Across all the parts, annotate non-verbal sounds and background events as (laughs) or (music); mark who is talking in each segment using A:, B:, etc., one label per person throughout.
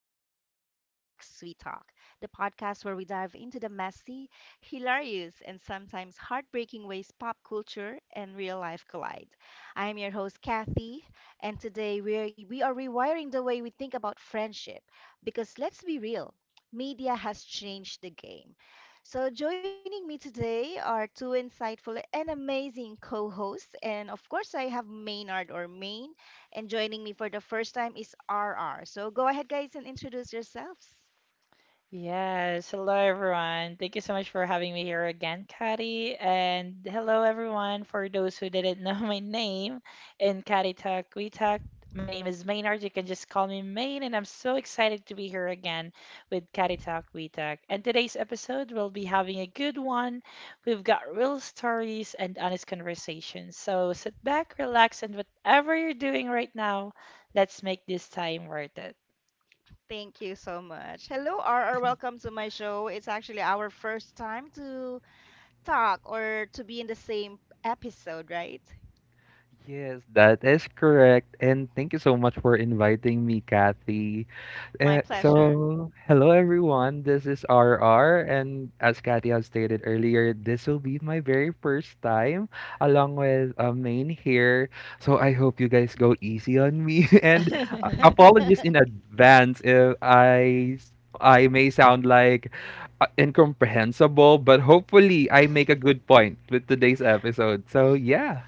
A: of Kathy Talks, Sweet Talk, the podcast where we dive into the messy, hilarious, and sometimes heartbreaking ways pop culture and real life collide. I am your host, Kathy, and today we are rewiring the way we think about friendship because let's be real, media has changed the game. So, joining me today are two insightful and amazing co hosts, and of course, I have Maynard or Main and joining me for the first time is RR. So go ahead, guys, and introduce yourselves.
B: Yes, hello everyone. Thank you so much for having me here again, Kati. And hello everyone for those who didn't know, (laughs) my name in Kati Talk We Talk. My name is Maynard. You can just call me Main, and I'm so excited to be here again with Kati Talk We Talk. And today's episode will be having a good one. We've got real stories and honest conversations. So sit back, relax, and whatever you're doing right now, let's make this time worth it.
A: Thank you so much. Hello, RR. Welcome to my show. It's actually our first time to talk or to be in the same episode, right?
C: Yes, that is correct. And thank you so much for inviting me, Kathy.
A: My
C: Uh,
A: pleasure.
C: so, hello everyone. This is RR, and as Kathy has stated earlier, this will be my very first time along with Main here. So I hope you guys go easy on me, (laughs) and apologies in
A: (laughs)
C: advance if I may sound like incomprehensible, but hopefully I make a good point with today's episode. So yeah,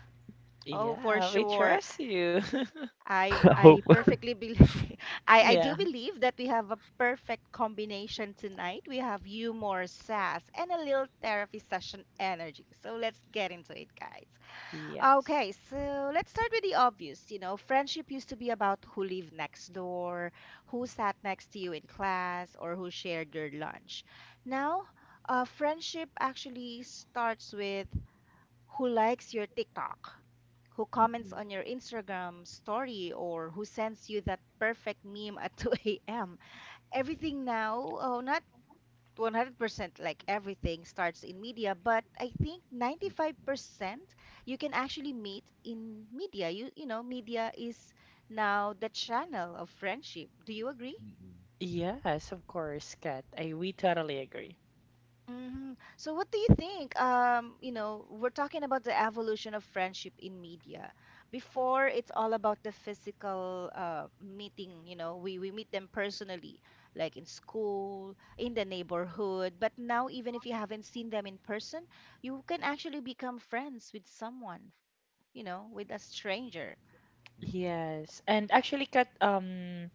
A: Oh, for
B: Yeah, we
A: sure.
B: trust you. (laughs)
C: (laughs)
A: I
C: hope.
A: perfectly believe. (laughs) I do
B: Yeah.
A: believe that we have a perfect combination tonight. We have humor, sass, and a little therapy session energy. So let's get into it, guys.
B: Yes.
A: Okay, so let's start with the obvious. You know, friendship used to be about who lived next door, who sat next to you in class, or who shared your lunch. Now, friendship actually starts with who likes your TikTok, who comments on your Instagram story, or who sends you that perfect meme at (laughs) 2 a.m. Everything now, oh, not 100%, like everything starts in media, but I think 95% you can actually meet in media. You know, media is now the channel of friendship. Do you agree?
B: Yes, of course, Kat. I we totally agree.
A: Hmm. So what do you think? You know, we're talking about the evolution of friendship in media. Before, it's all about the physical meeting. You know, we meet them personally, like in school, in the neighborhood. But now, even if you haven't seen them in person, you can actually become friends with someone, you know, with a stranger.
B: Yes. And actually, Kat,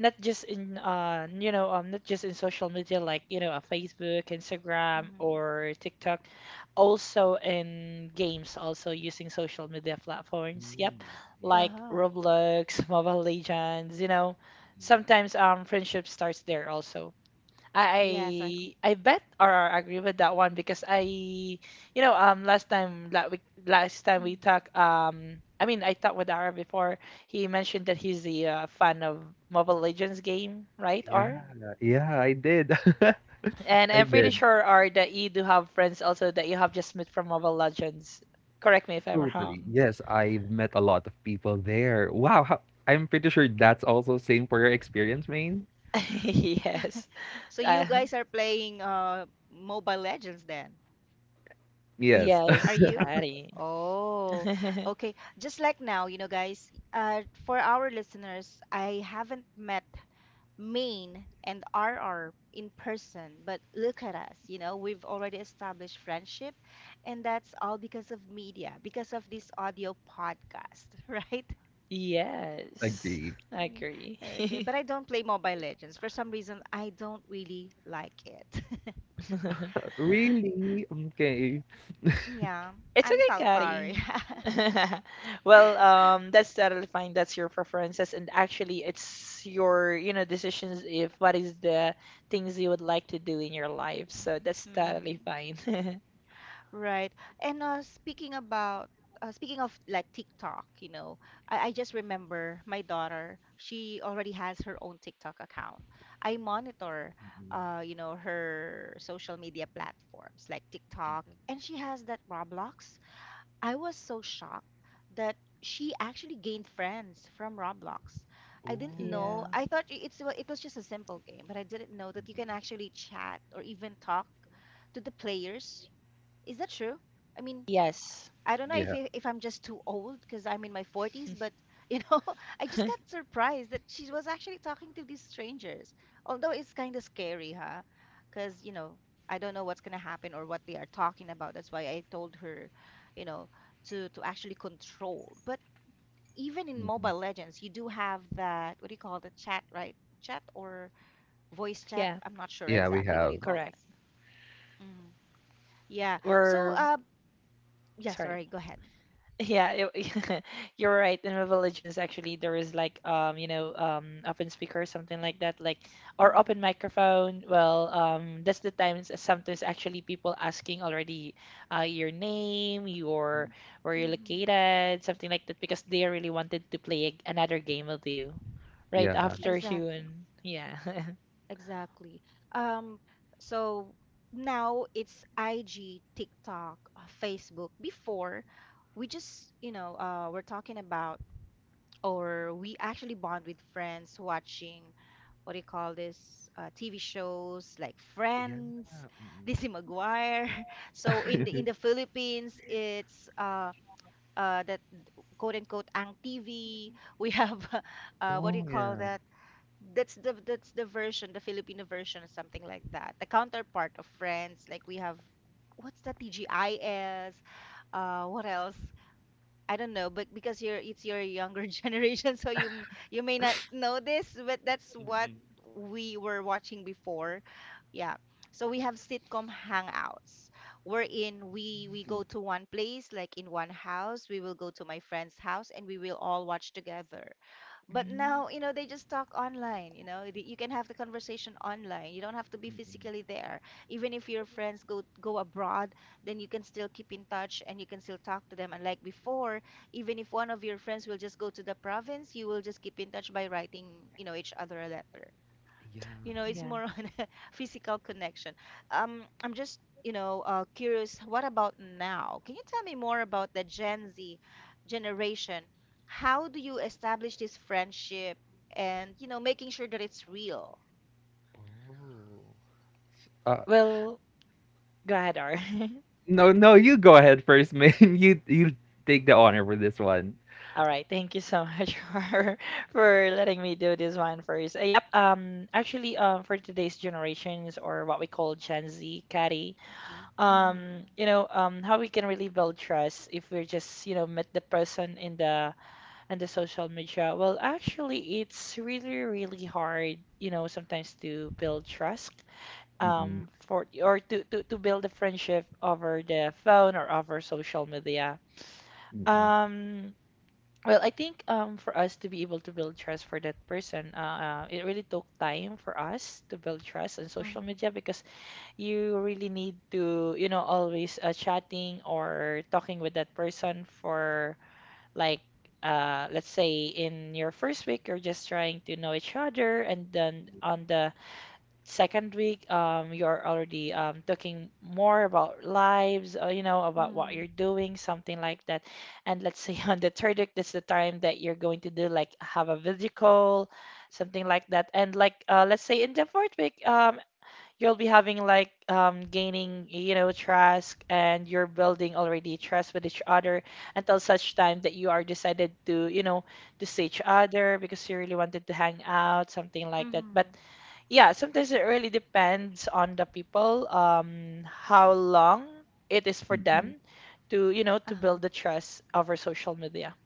B: not just in not just in social media like, Facebook, Instagram,
A: Mm-hmm.
B: or TikTok, also in games, also using social media platforms. Yep.
C: Mm, yeah.
B: Like
A: Uh-huh.
B: Roblox, (laughs) Mobile Legends, you know. Sometimes friendship starts there also.
A: Yes, I go.
B: I bet or agree with that one because I you know last time that we last time we talked, I mean, I talked with Ara before. He mentioned that he's a fan of Mobile Legends game, right,
C: Yeah,
B: Ar?
A: Mm-hmm.
C: yeah, I did.
B: And
C: (laughs) I
B: I'm pretty
C: did.
B: sure, Ar, that you do have friends also that you have just met from Mobile Legends. Correct me if I'm
C: Totally.
B: wrong.
C: Yes, I've met a lot of people there. Wow, I'm pretty sure that's also same for your experience, Maine.
B: (laughs) Yes.
A: (laughs) So
B: uh,
A: you guys are playing Mobile Legends then.
C: Yes,
A: Are
B: yes,
A: you?
B: Caddy.
A: Oh,
B: (laughs)
A: okay. Just like now, you know, guys, for our listeners, I haven't met Main and RR in person, but look at us, you know, we've already established friendship, and that's all because of media, because of this audio podcast, (laughs) right?
C: (laughs)
B: Yes,
C: agree.
B: I
A: Yeah.
B: agree. (laughs)
A: Okay, but I don't play Mobile Legends. For some reason, I don't really like it. (laughs)
C: Really? Okay.
A: Yeah,
B: It's
A: I'm
B: okay,
A: so sorry. (laughs)
B: Kari. (laughs) Well, that's totally fine. That's your preferences, and actually, it's your, you know, decisions if what is the things you would like to do in your life. So that's totally
A: Mm.
B: fine. (laughs)
A: Right. And speaking of like TikTok, you know, I just remember my daughter, she already has her own TikTok account. I monitor
C: Mhm.
A: you know, her social media platforms like TikTok, and she has that Roblox. I was so shocked that she actually gained friends from Roblox. I didn't
C: Oh.
A: know.
B: Yeah.
A: It's well, it was just a simple game, but I didn't know that you can actually chat or even talk to the players. Is that true? I mean,
B: Yes.
A: I don't know if
C: Yeah.
A: I- if I'm just too old because I'm in my 40s, but you know, (laughs) I just got surprised that she was actually talking to these strangers. Although it's kind of scary, huh? Because, you know, I don't know what's gonna happen or what they are talking about. That's why I told her, you know, to actually control. But even in Mobile
C: Mhm.
A: Legends, you do have that, what do you call, the chat, right? Chat or voice chat?
B: Yeah,
A: I'm not sure
C: Yeah, we
A: exactly what do
C: have.
A: you call that.
B: correct.
A: Mm. Yeah. So,
B: We're
A: yeah,
B: sorry.
A: sorry, go ahead.
B: Yeah, it, (laughs) you're right. In my religions, actually, there is like open speaker or something like that, like or
A: Mm-hmm.
B: open microphone. Well, that's the times that sometimes actually people asking already, your name, your where you're
A: Mm-hmm.
B: located, something like that, because they really wanted to play another game with you, right
C: Yeah.
B: after you.
A: Exactly.
B: And yeah,
A: Exactly. Um, so now it's IG, TikTok, Facebook. Before, we just, you know, we're talking about, or we actually bond with friends watching, what do you call this, TV shows like
C: Yeah.
A: Friends,
C: Mhm.
A: Lizzie McGuire. (laughs) So in
B: (laughs)
A: the in
C: (laughs)
A: the Philippines, it's that, quote unquote, ang TV. We have (laughs) uh, what do you
C: Oh,
A: call
C: yeah.
A: that? That's the, that's the version, the Filipino version, or something like that. The counterpart of Friends, like we have, what's that, TGIS? What else? I don't know, but because you're, it's your younger (laughs) generation, so you may not know this, but that's what
C: Mm-mm.
A: we were watching before. Yeah. So we have sitcom hangouts wherein we go to one place, like in one house. We will go to my friend's house and we will all watch together. But
B: mm,
A: now, you know, they just talk online, you know. The- You can have the conversation online. You don't have to be physically there. Even if your friends go abroad, then you can still keep in touch and you can still talk to them. And like before, even if one of your friends will just go to the province, you will just keep in touch by writing, you know, each other a letter.
C: Yeah.
A: You know, it's
B: yeah.
A: more (laughs) on a physical connection. I'm just, you know, curious, what about now? Can you tell me more about the Gen Z generation? How do you establish this friendship and, you know, making sure that it's real?
C: Oh. Uh,
B: Well, go ahead, R. (laughs)
C: No, no, you go ahead first, man. (laughs) You take the honor for this one.
B: All right, thank you so much (laughs) for letting me do this one first. Yep, actually for today's generations or what we call Gen Z, Catty,
A: Mm-hmm.
B: how we can really build trust if we're just, you know, met the person in the social media. Well, actually it's really really hard, you know, sometimes to build trust
C: Mm-mm,
B: for or to build a friendship over the phone or over social media.
C: mm-mm,
B: Um well, I think, for us to be able to build trust for that person, it really took time for us to build trust on social
A: Mm-hmm.
B: media because you really need to, you know, always chatting or talking with that person for like, let's say in your first week, you're just trying to know each other, and then on the second week, you're already talking more about lives, you know, about what
A: Mm-hmm.
B: you're doing, something like that. And let's say (laughs) on the third week, that's the time that you're going to do like have a video call, something like that. And like let's say in the fourth week, you'll be having like gaining, you know, trust and you're building already trust with each other until such time that you are decided to, you know, to see each other because you really wanted to hang out, something like that. But
A: Mm-hmm.
B: yeah, sometimes it really depends on the people, how long it is for
C: mm-mm,
B: them to, you know, to
A: Uh-huh.
B: build the trust over social media.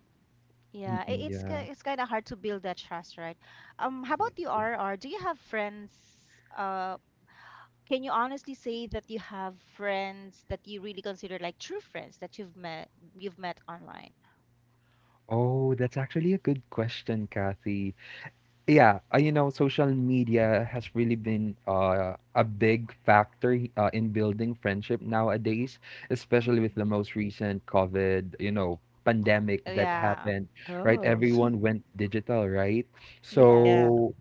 A: Yeah,
C: mm-mm, yeah.
A: it's kind of hard to build that trust, right? How about you, R? R? Do you have friends, uh, can you honestly say that you have friends that you really consider like true friends that you've met online?
C: Oh, that's actually a good question, Kathy. Yeah, social media has really been a big factor in building friendship nowadays, especially with the
A: Mm-hmm.
C: most recent COVID pandemic that
A: Yeah.
C: happened, right?
B: Oh,
C: Everyone went digital, right?
A: Yes.
B: yeah.
C: So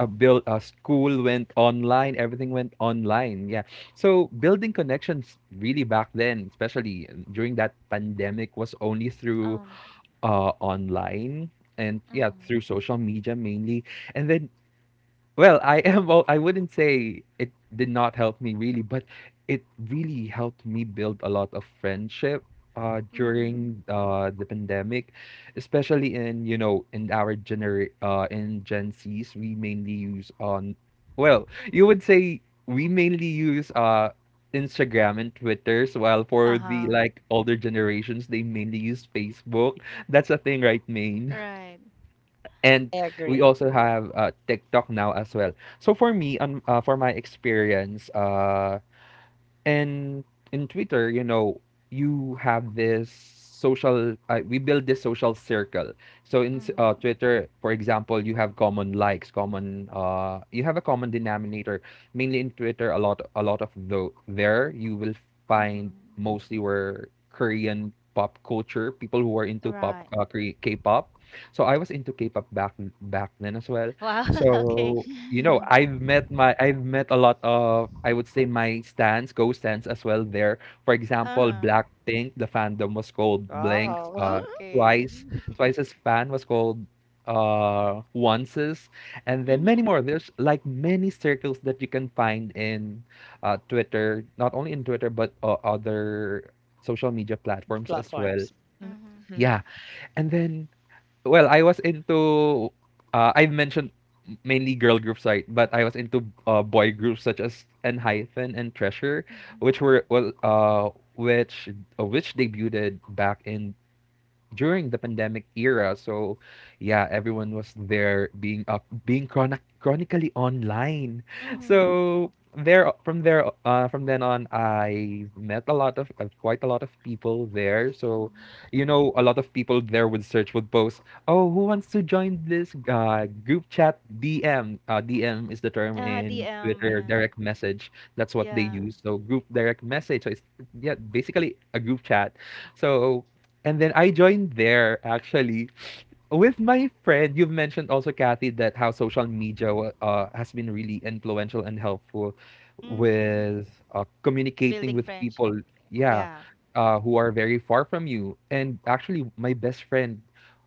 C: a build a school went online. Everything went online. Yeah. So building connections really back then, especially during that pandemic, was only through
A: Um.
C: online, and yeah,
A: Mm.
C: through social media mainly. And then, well, I (laughs) am. I wouldn't say it did not help me really, but it really helped me build a lot of friendship
A: Mm-hmm.
C: during the pandemic, especially in you know in our gener in Gen Zs, we mainly use on. Well, you would say we mainly use Instagram and Twitters, while for the
A: Uh-huh.
C: like older generations, they mainly use Facebook. That's a thing, right, Maine?
A: Right.
C: And
B: I
C: we
B: agree.
C: also have TikTok now as well. So for me, on for my experience, and in Twitter, you have this social. We build this social circle. So in
A: Mm.
C: Twitter, for example, you have common likes, common. You have a common denominator. Mainly in Twitter, a lot of there you will find
A: Mm-hmm.
C: mostly were Korean pop culture people who are into
A: Right.
C: K-pop. So I was into K-pop back then as well.
A: Wow. (laughs) Okay.
C: So you know
B: (laughs)
C: i've met my i've met a lot of, I would say, my stands as well there. For example,
A: Uh-huh.
C: Blackpink, the fandom was called Blanks.
B: Wow.
C: uh
A: Okay.
C: twice
A: (laughs)
C: twice's fan was called, Once's. And then many
A: Mm-hmm.
C: more. There's like many circles that you can find in Twitter, not only in Twitter, but other social media
B: (laughs)
C: platforms as well.
B: Platforms.
A: Mm-hmm.
B: Mhm.
C: Yeah. And then, well, I was into I've mentioned mainly girl groups, right? But I was into boy groups such as Enhypen and Treasure,
A: Mm-hmm.
C: which were well, which which debuted back in during the pandemic era. So, yeah, everyone was there, being up, being chronic, chronically online.
A: Mm-hmm.
C: So there, from then on, I met quite a lot of people there. So,
A: Mm-hmm.
C: a lot of people there would post, oh, who wants to join this group chat DM? DM is the term in
A: DM,
C: Twitter,
A: yeah.
C: direct message. That's what they
A: Yeah.
C: use. So group direct message. So it's, yeah, basically a group chat. So and then I joined there actually with my friend. You've mentioned also, Kathy, that how social media has been really influential and helpful
A: Mm-hmm.
C: with communicating
A: Building
C: with
A: friendship.
C: people, yeah,
A: Yeah.
C: who are very far from you. And actually, my best friend,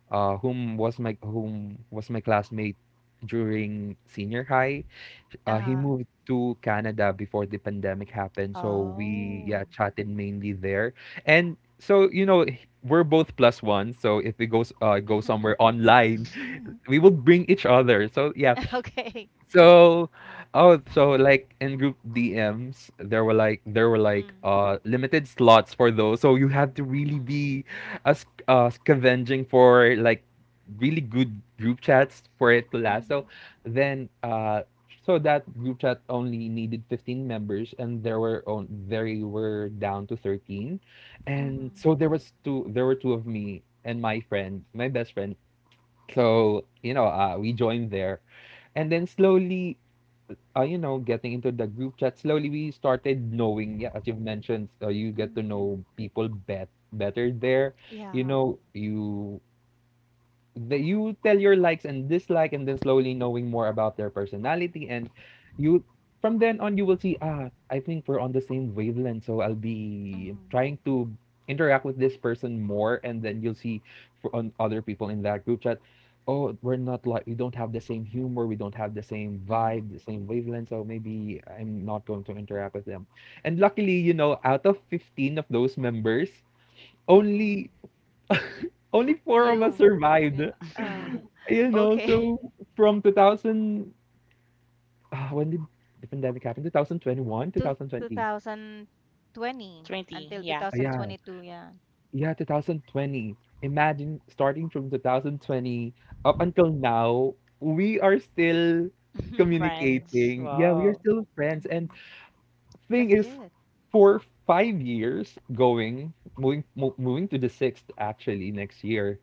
C: whom was my classmate during senior high, he
A: Uh-huh.
C: moved to Canada before the pandemic happened, so we,
A: Oh.
C: yeah, chatted mainly there. And so, we're both plus one, so if we go somewhere
A: (laughs)
C: online,
B: (laughs)
C: we will bring each other. So yeah,
A: Okay.
C: so, like in group DMs, there were like
A: Mm.
C: limited slots for those. So you had to really
A: Mm.
C: be scavenging for like really good group chats for it to last.
A: Mhm.
C: Then uh so that group chat only needed 15 members, and there were on, there were down to 13. And
A: Mhm.
C: so there were two, of me and my friend, my best friend. So, we joined there, and then slowly, getting into the group chat, slowly we started knowing, yeah, as you've mentioned, you get to know
A: Mhm.
C: people better there. You
A: Yeah.
C: know, you you tell your likes and dislike, and then slowly knowing more about their personality. And you from then on you will see, ah, I think we're on the same wavelength, so I'll be
A: Mhm.
C: trying to interact with this person more, and then you'll see for on other people in that group chat, oh, we're not like, we don't have the same humor, we don't have the same vibe,
A: Mhm.
C: the same wavelength, so maybe I'm not going to interact with them. And luckily, out of 15 of those members, only
A: Mhm.
C: only
A: Did
C: four of us
A: you,
C: survived.
A: yeah, uh,
B: (laughs)
C: You know,
A: okay. (laughs)
C: so from 2000, ah, when did the pandemic happen? 2021,
A: Two,
C: 2020.
A: 2020
B: 20,
A: until
B: yeah.
C: Ah, yeah,
A: 2022, yeah.
C: yeah, 2020. Imagine, starting from 2020 up until now, we are still
A: (laughs)
B: Friends.
C: communicating. Yeah, we are
B: Wow.
C: still friends. And
A: Mhm.
C: thing
A: That's
C: is,
A: good.
C: for 5 years going, moving to the sixth, actually next year,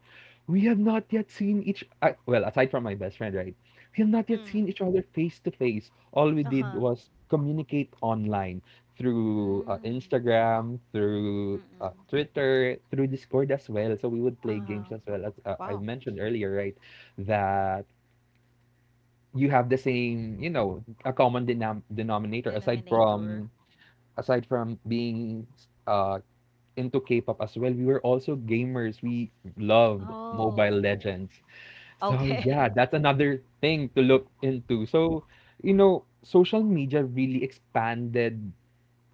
C: we have not yet seen each. Well, aside from my best friend, right? We have not yet seen
A: Mm.
C: each other face to face. All we did
A: Uh-huh.
C: was communicate online through
A: Mm.
C: Instagram, through
A: Mm-mm.
C: Twitter, through Discord as well. So we would play games
A: Uh-huh.
C: as well, as I
A: Wow.
C: mentioned earlier, right? That you have the same, a common denominator, aside from,
A: Denominator.
C: being uh into K-pop as well, we were also gamers. We loved Mobile
A: Oh.
C: Legends. So yeah,
A: Okay.
C: that's another thing to look into. So, you know, social media really expanded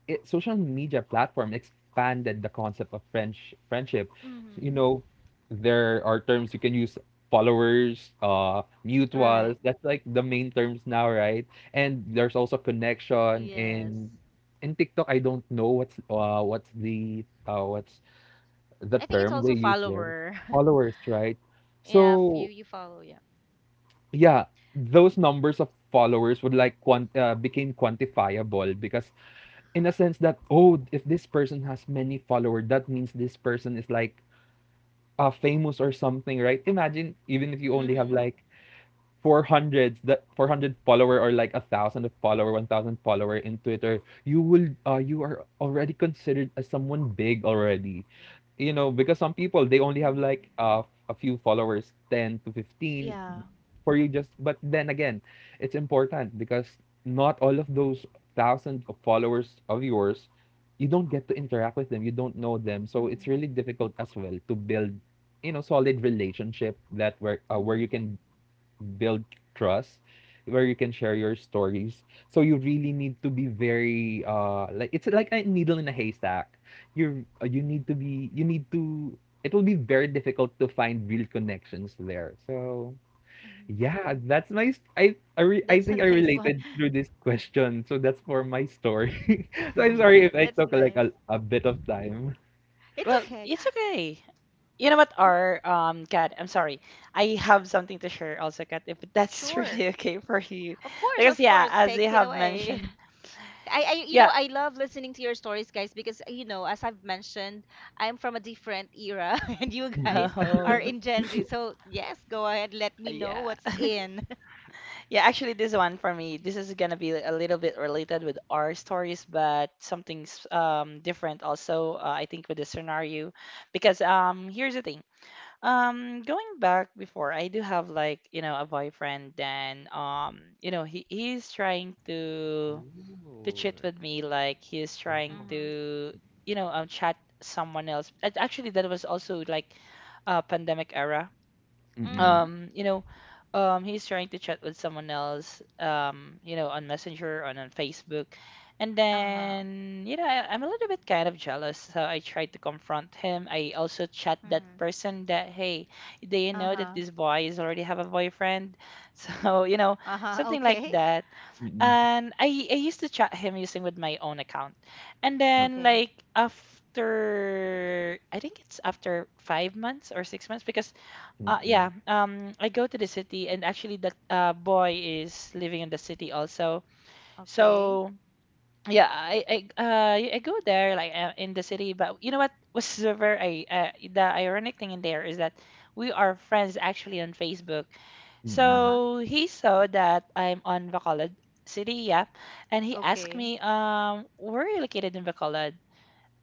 C: it, social media platform expanded the concept of French friendship.
A: (laughs)
C: You
A: Mhm.
C: know, there are terms you can use: followers, mutuals.
A: Right.
C: That's like the main terms now, right? And there's also connection
A: Yes.
C: in TikTok. I don't know what's the
A: I think it's
C: term they
A: also
C: use there.
A: follower.
C: Followers, right?
A: (laughs) Yeah, if
C: So
A: you follow, yeah.
C: yeah, those numbers of followers would like, became quantifiable, because in a sense that, oh, if this person has many followers, that means this person is like famous or something, right? Imagine, even if you only have
A: Mm-hmm.
C: like 400, that 400 follower, or like a thousand of follower 1000 follower in Twitter, you are already considered as someone big already, because some people they only have like,
A: Mm.
C: a few followers, 10 to 15
A: Yeah.
C: for you, just but then again, it's important because not all of those thousand of followers of yours, you don't get to interact with them, you don't know them, so it's really
A: Mm.
C: difficult as well to build, solid relationship, that where you
A: Mm.
C: can build trust, where you can share your stories. So you really need to be very, like a needle in a haystack. You need to be, you need to it will be very difficult to find real connections there. So
A: Mm.
C: yeah, I
A: That's
C: think
A: a
C: I
A: nice one.
C: related through this question. So that's for my story. (laughs)
B: (laughs)
C: So I'm
B: Mhm.
C: sorry if
A: (laughs)
C: I
A: That's
C: took like
A: nice.
C: a bit of time.
A: It's
B: Well,
A: okay.
B: it's okay. You know what, Our Kat, I'm sorry. I have something to share also, Kat, if that's (laughs)
A: Sure.
B: really okay for you.
A: Of course,
B: Because
A: of
B: yeah,
A: course.
B: as you
A: Take it
B: have
A: away.
B: mentioned,
A: (laughs) I you know,
B: yeah.
A: I love listening to your stories, guys, because you know, as I've mentioned, I'm from a different era (laughs) and you
C: Mm-mm.
A: guys are
B: Oh,
A: in Gen Z, so yes, go ahead, let me know
B: yeah.
A: what's
B: (laughs)
A: in.
B: Yeah, actually this one for me, this is gonna be a little bit related with our stories, but something's different also, I think with the scenario. Because here's the thing. Going back before, I do have like, you know, a boyfriend then, you know, he's trying to
C: Ooh.
B: cheat with me, like he's
A: (laughs)
B: trying
C: Oh.
A: Mhm.
B: to, you know, chat someone else. And actually, that was also like pandemic era.
C: Mm-mm.
A: Mhm.
B: um you know he's trying to chat with someone else you know, on Messenger and on Facebook. And
A: Uh-huh.
B: then you know, I'm a little bit kind of jealous, so I tried to confront him. I also chat that
A: Mhm.
B: person that, hey, do you know that
A: Uh-huh.
B: this boy is already have a boyfriend? (laughs) So you know,
A: Uh-huh. (laughs)
B: something like
A: Okay.
B: that.
C: Mm-mm.
B: And I used to chat him using with my own account. And
C: Mm-mm.
B: then
A: Okay.
B: like after I think it's after 5 months or 6 months. Because
C: Mm-mm.
B: yeah, I go to the city, and actually, that boy is living in the city also.
A: Okay.
B: So yeah, I go there like in the city. But you know what was super? I The ironic thing in there is that we are friends actually on Facebook.
C: Mm-mm.
A: Uh-huh.
B: So he saw that I'm on Bacolod City, yeah, and he asked
A: Okay.
B: me, where are you located in Bacolod?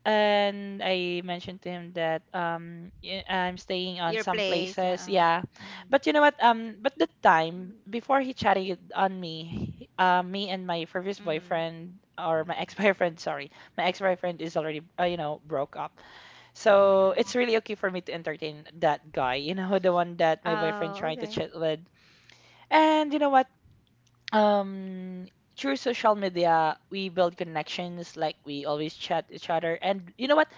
B: And I mentioned to him that I'm staying on
A: Your
B: some
A: place.
B: places,
A: Yeah.
B: yeah.
A: Mm-hmm.
B: But you know what? But the time before he chatted on me, me and my previous
A: Mm.
B: boyfriend or my
C: Mm-mm.
B: ex-boyfriend, (laughs) sorry, my ex-boyfriend is already, you know, broke up. So
A: Mm.
B: it's really okay for me to entertain that guy, you know, (laughs) the one that my boyfriend
A: Oh,
B: trying to
A: okay.
B: chat with. And you know what? Um, Through social media, we build connections, like we always chat each other. And you know what?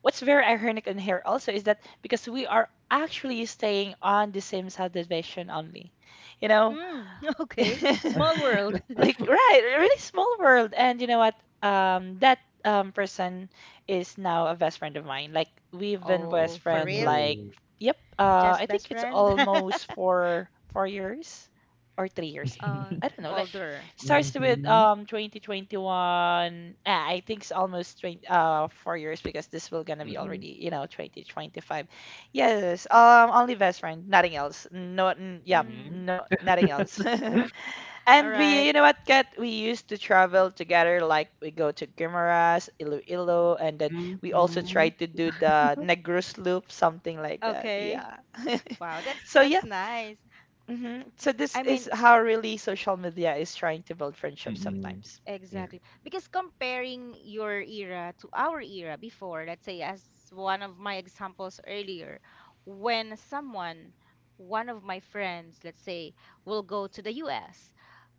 B: What's very ironic in here also is that because we are actually staying on the same side of the vision only, you know,
A: Mm. (laughs)
B: (laughs)
A: Okay.
C: Oh.
A: Small world. (laughs)
B: like right, a really small world. And you know what, that person is now a best friend of mine. Like we've been
A: Oh,
B: best
A: for
B: friend
A: real?
B: like, yep,
A: Just
B: I
A: best
B: think it's
A: friend? (laughs)
B: almost four years or 3 years.
A: Uh,
B: I
C: (laughs)
B: don't know, like
A: older.
B: starts with
C: Mhm.
B: 2021. Ah, I think it's almost 20 uh 4 years, because this will gonna be
C: Mm.
B: already, you know, 2025. Yes, only best friend, nothing else. Yep,
A: Mm.
B: no, nothing else. (laughs)
A: All
B: And we,
A: right.
B: you know what, Kat, we used to travel together. Like we go to Guimaras, Iloilo, and then
C: Mhm.
B: we also try
C: Mhm.
B: to do the Negros Loop, something like that.
A: Okay.
B: Yeah.
A: Wow,
B: (laughs) So
A: that's
B: yeah.
A: nice.
B: So this
A: I
B: is
A: mean,
B: how really social media is trying to build friendships
C: Mm.
B: sometimes.
C: Yeah.
A: exactly. Because comparing your era to our era before, let's say, as one of my examples earlier, when someone, one of my friends, let's say, will go to the US,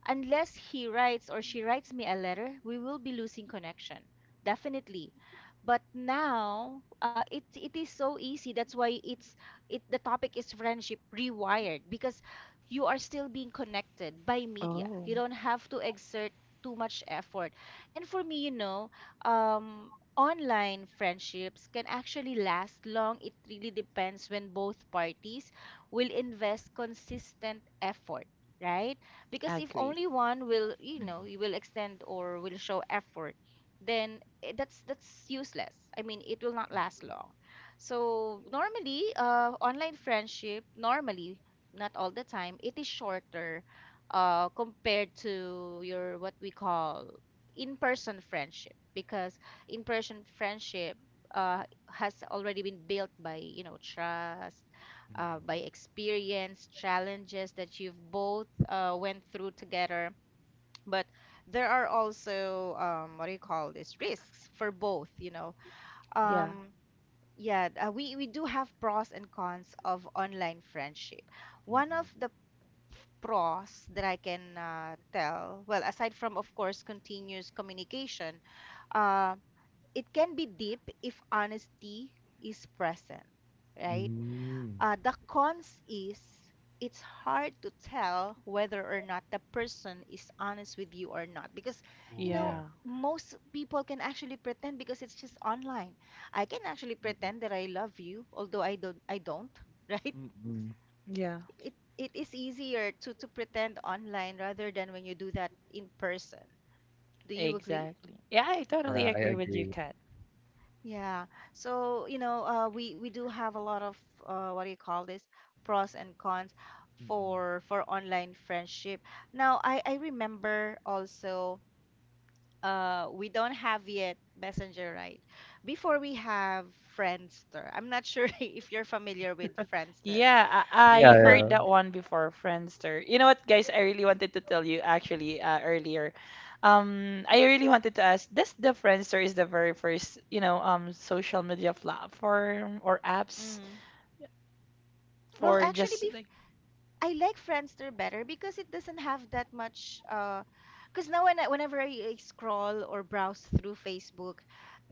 A: unless he writes or she writes me a letter, we will be losing connection. Definitely. But now, it it is so easy. That's why it's, it, the topic is friendship rewired because you are still being connected by media.
B: Oh,
A: You don't have to exert too much effort. And for me, you know, online friendships can actually last long. It really depends when both parties will invest consistent effort, right? Because if
B: agree.
A: only one will, you know, you will extend or will show effort, then eh, that's useless. I mean, it will not last long. So normally, online friendship normally, not all the time, it is shorter compared to your, what we call, in-person friendship, because in-person friendship uh, has already been built by, you know, trust,
C: Mm,
A: by
C: mm,
A: experience, challenges that you've both went through together. But there are also what do you call this, risks for both, you know,
B: Yeah.
A: um, yeah. We do have pros and cons of online friendship.
C: mm,
A: One
C: mm.
A: of the pros that I can tell, well, aside from, of course, continuous communication, uh, it can be deep if honesty is present, right?
C: Mm.
A: The cons is it's hard to tell whether or not the person is honest with you or not because, you
C: Oh,
A: know,
C: yeah.
B: Yeah,
A: most people can actually pretend because it's just online. I can actually
C: Mm.
A: pretend that I love you, although I don't, (laughs) right?
C: Mm-mm.
B: yeah, yeah.
A: It is easier to pretend online rather than when you do that in person. Do you agree?
B: Exactly. Yeah, I totally
C: Yeah, I
B: agree with you,
C: agree.
B: Kat.
A: Yeah. So, you know, we do have a lot of what do you call this, pros and cons for
C: Mm.
A: online friendship. Now, I remember also we don't have yet Messenger, right? Before we have Friendster. I'm not sure (laughs) if you're familiar with Friendster,
B: Yeah,
C: Yeah,
B: I heard
A: but
C: yeah.
B: that one before, Friendster. You know what, guys? I really wanted to tell you actually earlier. I really wanted to ask, does the Friendster is the very first, you know, social media platform or apps
A: mm, well,
B: for
A: actually,
B: just
A: bef,
B: like,
A: I like Friendster better because it doesn't have that much. Because now when whenever I scroll or browse through Facebook,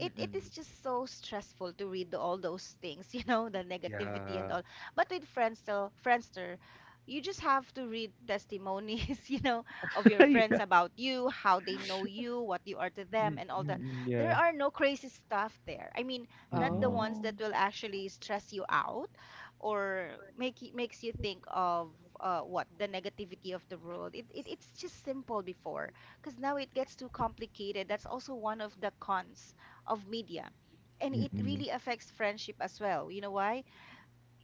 A: it is just so stressful to read all those things, (laughs) you know, the negativity and
C: Yeah.
A: all. But with Friendster, you just have to read testimonies, (laughs) you know, of your friends
C: (laughs)
A: about you, how they know you, what you are to
C: Yeah.
A: them, and all
C: Mm,
A: that.
C: mm,
A: There
C: yeah.
A: are no crazy stuff there. I mean, not the
C: Mm-mm.
A: ones
B: oh,
A: that will actually stress you out or make it makes you think of what the negativity of the world. It's just simple before because now it gets too complicated. That's also one of the cons of media. And it
C: Mm-mm.
A: really affects friendship as well. You know why?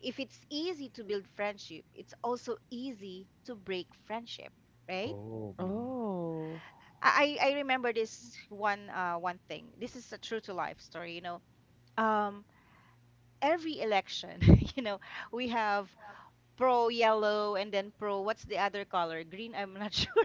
A: If it's easy to build friendship, it's also easy to break friendship, right?
C: Oh. Mm-mm.
B: oh.
A: I remember this one thing. This is a true to life story, you know. Um, every election, (laughs) you know, we have pro yellow and then pro, what's the other color? Green, I'm not (laughs) sure.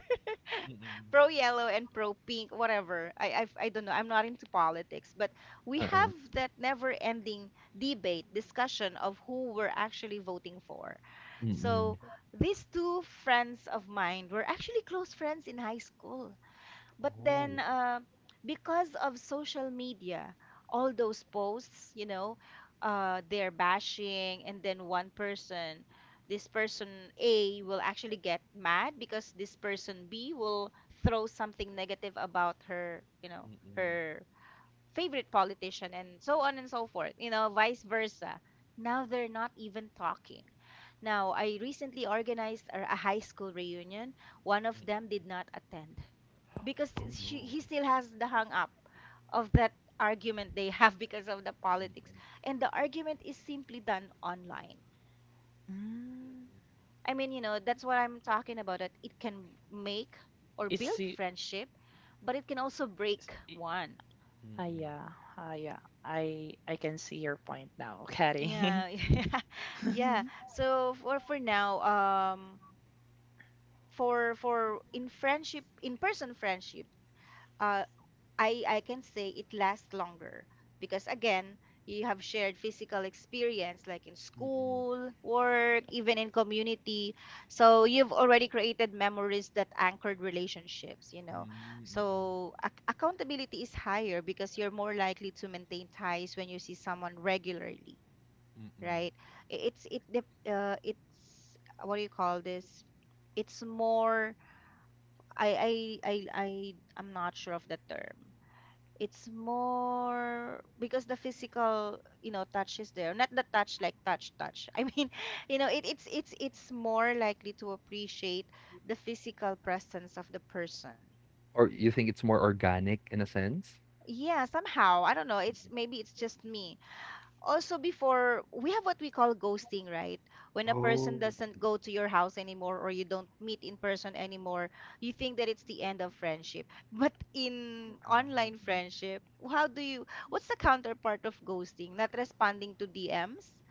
C: Mm-mm.
A: Pro yellow and pro pink, whatever. I don't know. I'm not into politics, but we have
C: Uh-oh.
A: that never-ending debate, discussion of who we're actually voting for.
C: Mm-mm.
A: So these two friends of mine were actually close friends in high school. But
C: Oh.
A: then, because of social media, all those posts, you know, they're bashing, and then one person, this person A will actually get mad because this person B will throw something negative about her, you know,
C: Mm-mm.
A: her favorite politician, and so on and so forth, you know, vice versa. Now they're not even talking. Now, I recently organized a high school reunion. One of them did not attend because
C: Oh,
A: she
C: no.
A: he still has the hang up of that argument they have (laughs) because of the politics, and the argument is simply done online.
B: mm,
A: I mean, you know, that's what I'm talking about, that it can make or
B: it's,
A: build friendship, but it can also
B: it's
A: break
B: it,
A: one.
C: Mm.
B: ah, yeah,
C: Mm.
B: ah, yeah. I can see your point now, Kari.
A: Yeah, (laughs) yeah,
B: (laughs)
A: yeah. So for now, for in friendship, in person friendship, uh I can say it lasts longer because again, you have shared physical experience like in
C: Mm-mm.
A: school, work, even in community. So you've already created memories that anchored relationships, you know.
C: Mm-mm.
A: So accountability is higher because you're more likely to maintain ties when you see someone regularly, right?
C: Mm.
A: It's what do you call this? It's more, I I I I I'm not sure of the term. It's more because the physical, you know, touch is there, not the touch like touch touch, I mean, (laughs) you know, it's it's more likely to appreciate the physical presence of the person.
C: Or you think it's more organic in a sense?
A: Yeah, somehow, I don't know, it's maybe it's just me. Also, before we have what we call ghosting, right? When a person
C: Oh.
A: doesn't go to your house anymore or you don't meet in person anymore, you think that it's the end of friendship. (laughs) But in
C: Ah,
A: online friendship, how do you, what's the counterpart of ghosting? Not responding to DMs,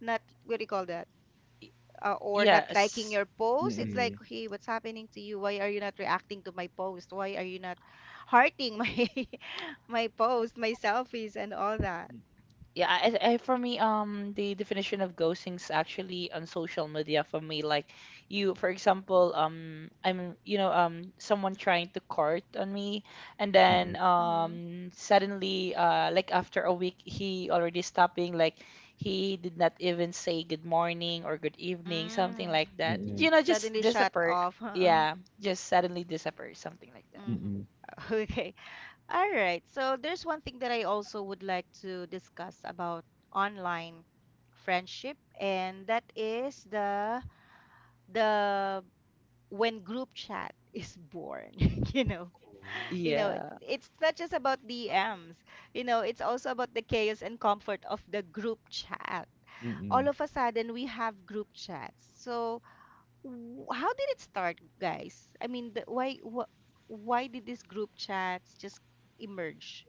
A: not, what do you call that? Or not liking
B: Yes.
A: your post. It's like,
C: mm.
A: hey, what's happening to you? Why are you not reacting to my post? Why are you not hearting my (laughs) my post, my selfies and all that?
B: Yeah, I for me, the definition of ghosting is actually on social media for me. Like you, for example, I'm, you know, someone trying to court on me, and
C: Mm.
B: then suddenly, like after a week, he already stopped being like, he did not even say good morning or good evening, something
A: Mm-hmm.
B: like that.
C: Mm,
B: You know, just
A: Suddenly shut
B: disappear.
A: off.
B: Yeah,
A: (laughs)
B: just suddenly disappear, something like that.
C: mm,
A: Mhm.
C: mm.
A: Okay. All right. So there's one thing that I also would like to discuss about online friendship, and that is the when group chat is born. (laughs) You know,
C: Oh.
A: you know,
B: Yeah.
A: it's not just about DMs. You know, it's also about the chaos and comfort of the group chat.
C: Mm,
A: All
C: mm,
A: of a sudden, we have group chats. So how did it start, guys? I mean, the, why wh why did this group chats just emerge?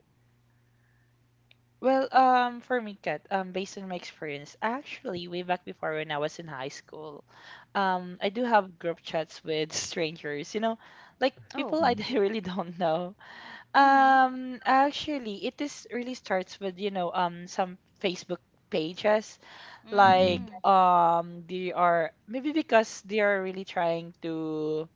B: Well, for me, Kat, based on my experience, actually, way back before when I was in high school, I do have group chats with (laughs) strangers, you know, like
A: Oh.
B: people I
C: mm,
B: (laughs) really don't know.
A: Mm-hmm.
B: Actually, it is really starts with, you know, some Facebook pages, like,
C: mm.
A: Mm.
B: they are maybe because they are really trying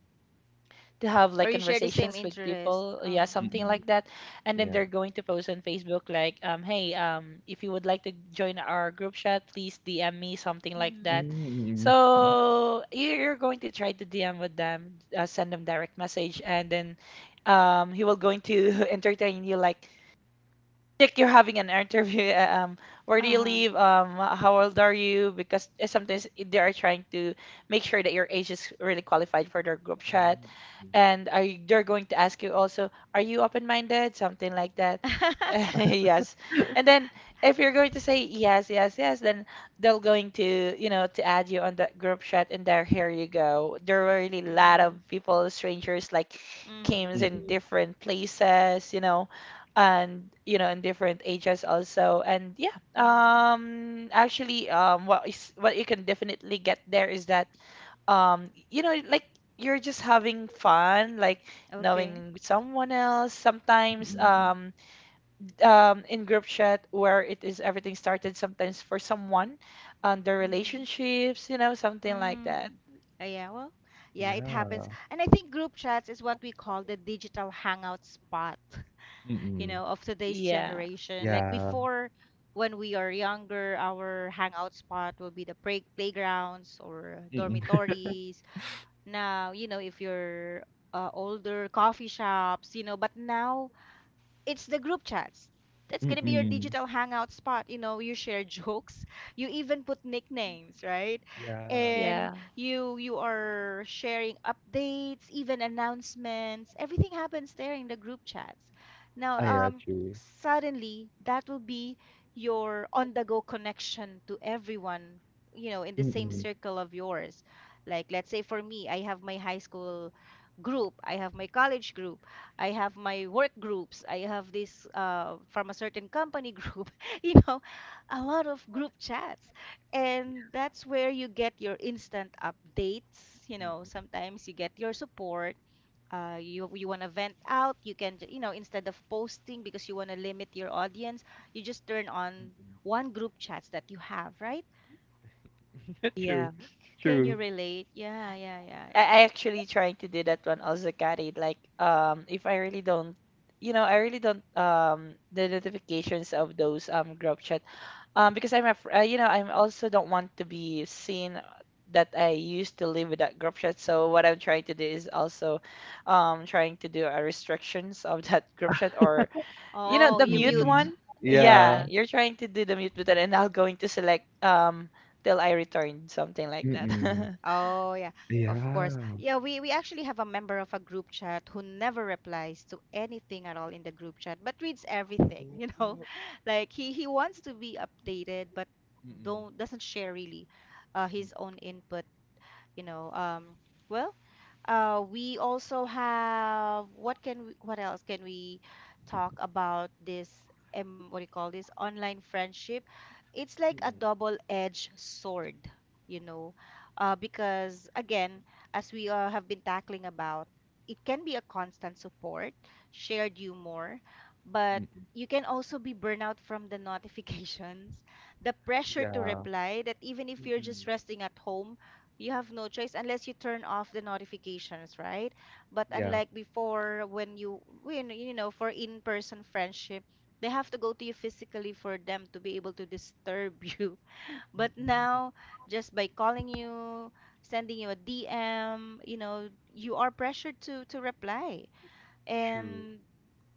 B: to have like
A: Or you share the same
B: conversations with
A: interest.
B: people, yeah,
A: Uh-huh.
B: something like that. And then
C: Yeah.
B: they're going to post on Facebook like, hey, if you would like to join our group chat, please DM me, something like
A: Mm-hmm.
B: that.
C: Mm. Mm, mm.
B: So you- you're going to try to DM with them, send them direct message, and then he will going to (laughs) entertain you like you're having an interview. (laughs) Where do you
A: Uh-huh.
B: live? How old are you? Because sometimes they are trying to make sure that your age is really qualified for their group chat, and are you, they're going to ask you also, are you open-minded? Something like that. (laughs)
A: (laughs)
B: Yes. And then if you're going to say yes, yes, yes, then they're going to, you know, to add you on that group chat, and there, here you go. There were really a lot of
A: Mm.
B: people, strangers, like came
A: Mm.
C: Mm,
B: in
C: mm.
B: different places, and in different ages also. and yeah
A: Mm.
B: um actually um what is what you can definitely get there is that um you know like you're just having fun, like
A: Okay.
B: knowing someone else sometimes.
A: Mm-hmm.
B: In group chat where it is everything started sometimes for someone and their
A: Mm-hmm.
B: relationships, something like that.
A: Mm. Yeah, well, yeah, it happens.
C: Yeah.
A: And I think group chats is what we call the digital hangout spot, you
C: Mm.
A: know, of today's
B: Yeah,
A: generation. Like
C: Yeah.
A: before, when we are younger, our hangout spot will be the playgrounds or
C: Mm,
A: dormitories. Now, you know, if you're older, coffee shops, you know, but now it's the group chats. That's gonna be your
C: mm.
A: digital
C: (laughs)
A: hangout spot. You know, you share (laughs) jokes, you even put nicknames, right?
C: Yeah.
A: And
B: yeah,
A: you are sharing updates, even announcements. Everything happens there in the group chats. Now,
C: Ah, yeah, true.
A: suddenly that will be your on-the-go connection to everyone, you know, in the same
C: Mm.
A: circle of yours. Like, let's say for me, I have my high school group, I have my college group, I have my work groups. I have this from a certain company group, (laughs) you know, a lot of group chats. And that's where you get your instant updates. You know,
C: Mm,
A: sometimes you get your support. You want to vent out, you can, you know, instead of posting because you want to limit your audience, you just turn on
C: mm.
A: one group chats that you have, right?
C: (laughs) True.
B: yeah.
A: C- Can you
C: True.
A: relate? Yeah, yeah, yeah,
B: I
A: yeah.
B: I actually trying to do that one also, Kari. Like, if I really don't, I really don't the notifications of those group chat, because I'm af I'm also don't want to be seen that I used to live with that group chat. So what I'm trying to do is also, trying to do a restrictions of (laughs) that group chat, or
A: Oh,
C: (laughs)
B: the
A: you
B: mute
A: mute.
C: Mm.
B: one. Yeah,
C: Yeah.
A: Yeah.
B: you're trying to do the mute button, and I'll going to select till I return something like that.
C: Mm.
A: Oh yeah, of course.
C: Yeah.
A: Yeah, we actually have a member of a group chat who never replies to anything at all in the group chat, but reads everything, (laughs) you know?
C: Oh,
A: Like he wants to be updated, but
C: mm,
A: don't doesn't share really
C: mm,
A: his own input, you know. Well, we also have, what can we, what else can we talk about this, what do you call this online friendship? It's like a
C: mm,
A: double-edged sword, you know. Because again, as we have been tackling about, it can be a constant support, shared humor, but
C: mm.
A: you can also be burnout from the (laughs) notifications, the pressure to
C: Yeah.
A: reply that even if you're
C: Mm.
A: just resting at home, you have no choice unless you turn off the notifications, right? But
C: Yeah.
A: unlike before, when you know for in-person friendship, they have to go to you physically for them to be able to disturb you. (laughs) But
C: Mm,
A: now, just by calling you, sending you a DM, you know, you are pressured to reply.
C: true.
A: And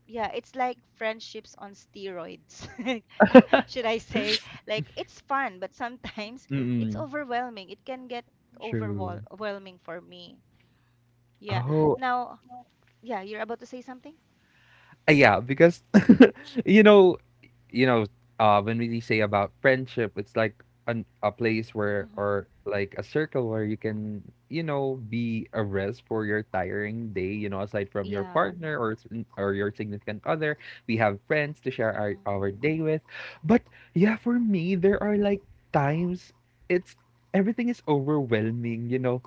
A: yeah, it's like friendships on steroids, (laughs) should I say? Like it's fun, but sometimes (laughs) it's
C: Mm,
A: overwhelming. It can get
C: true.
A: overwhelming for me. Yeah.
C: Oh,
A: Now, yeah, you're about to say something?
C: yeah, because (laughs) you know you know, when we say about friendship, it's like a place where,
A: Mm-hmm.
C: or like a circle where you can, be a rest for your tiring day. Aside from your
A: Yeah.
C: partner, or your significant other, we have friends to share our,
A: Mm-hmm.
C: our day with. But yeah, for me, there are like times, it's everything is overwhelming. You know,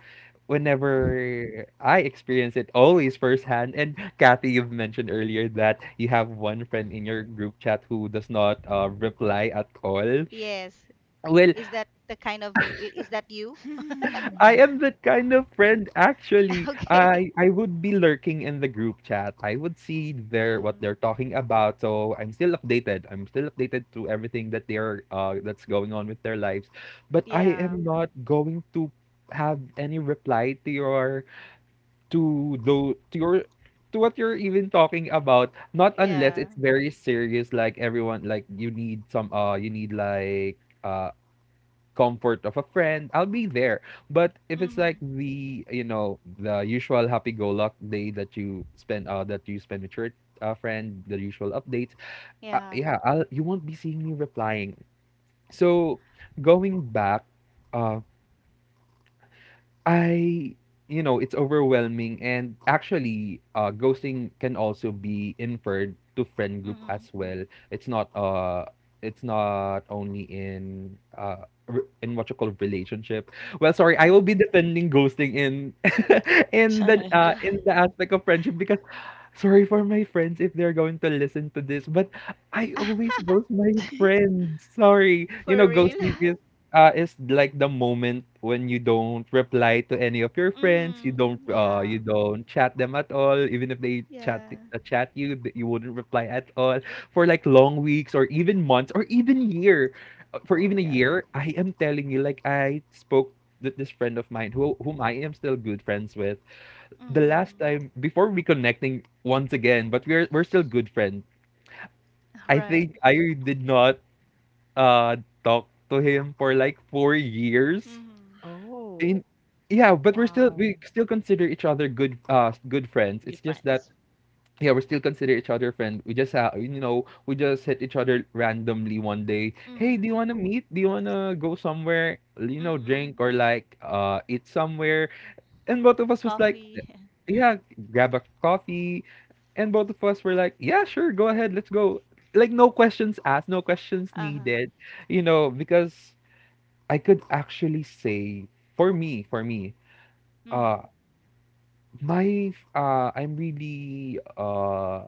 A: Hmm.
C: whenever I experience it, always firsthand. And Kathy, you've mentioned earlier that you have one friend in your group chat who does not reply at all.
A: Yes.
C: Well,
A: Is that the kind of you? Is that you?
C: (laughs) I
B: (laughs)
C: am that kind of friend,
A: (laughs)
C: actually.
A: Okay.
C: I would be lurking in the group chat. I would see their what they're
A: Mm-hmm.
C: talking about. So I'm still updated. I'm still updated to everything that they're that's going on with their lives. But I
A: Yeah.
C: am not going to have any reply to your to what you're even talking about, not unless
A: Yeah.
C: it's very serious. Like everyone, like you need some you need comfort of a friend, I'll be there. But if it's like
A: Mm-hmm.
C: the you know the usual happy go luck day that you spend with your friend, the usual updates,
A: Yeah.
C: yeah, I'll you won't be seeing me replying. So, going back, uh I, you know, it's overwhelming. And actually, ghosting can also be inferred to friend group
A: Mm-hmm.
C: as well. It's not uh, it's not only in in what you call relationship. Well, sorry, I will
A: Mm-hmm.
C: be defending ghosting in (laughs)
B: (laughs)
C: in the aspect of friendship because sorry for my friends if they're going to listen to this, but I always
A: (laughs)
C: ghost my friends. Sorry. You
A: For
C: know,
A: real? (laughs)
C: ghosting is like the moment when you don't reply to any of your friends,
A: Mm-hmm. Yeah.
C: you don't chat them at all, even if they chat
A: Yeah.
C: chat you wouldn't reply at all for like long weeks or even months or even year. For
A: Oh,
C: even a
A: yeah.
C: year, I am telling you, like I spoke with this friend of mine whom I am still good friends with the last
A: Mhm.
C: time before reconnecting once again, but we're still good friends.
A: (laughs)
C: I
A: Right.
C: think I did not uh talk to him for like 4 years.
A: Mhm.
C: In
B: Oh,
C: Yeah, but
A: Wow.
C: we still consider each other good friends.
B: good
C: It's just that,
B: friends.
C: yeah, we still consider each other friend. We just have, you know, we just hit each other randomly one day. Hey, do
A: Mhm.
C: you wanna meet? Do you wanna go somewhere? You know,
A: Mm-mm.
C: drink or like eat somewhere? And both of
A: Have
C: us was like,
A: coffee. (laughs)
C: yeah, grab a coffee. And both of us were like, yeah, sure, go ahead, let's go. Like no questions asked, no questions
A: Uh-huh.
C: needed. You know, because I could actually say for me, uh
A: Mhm.
C: my I'm really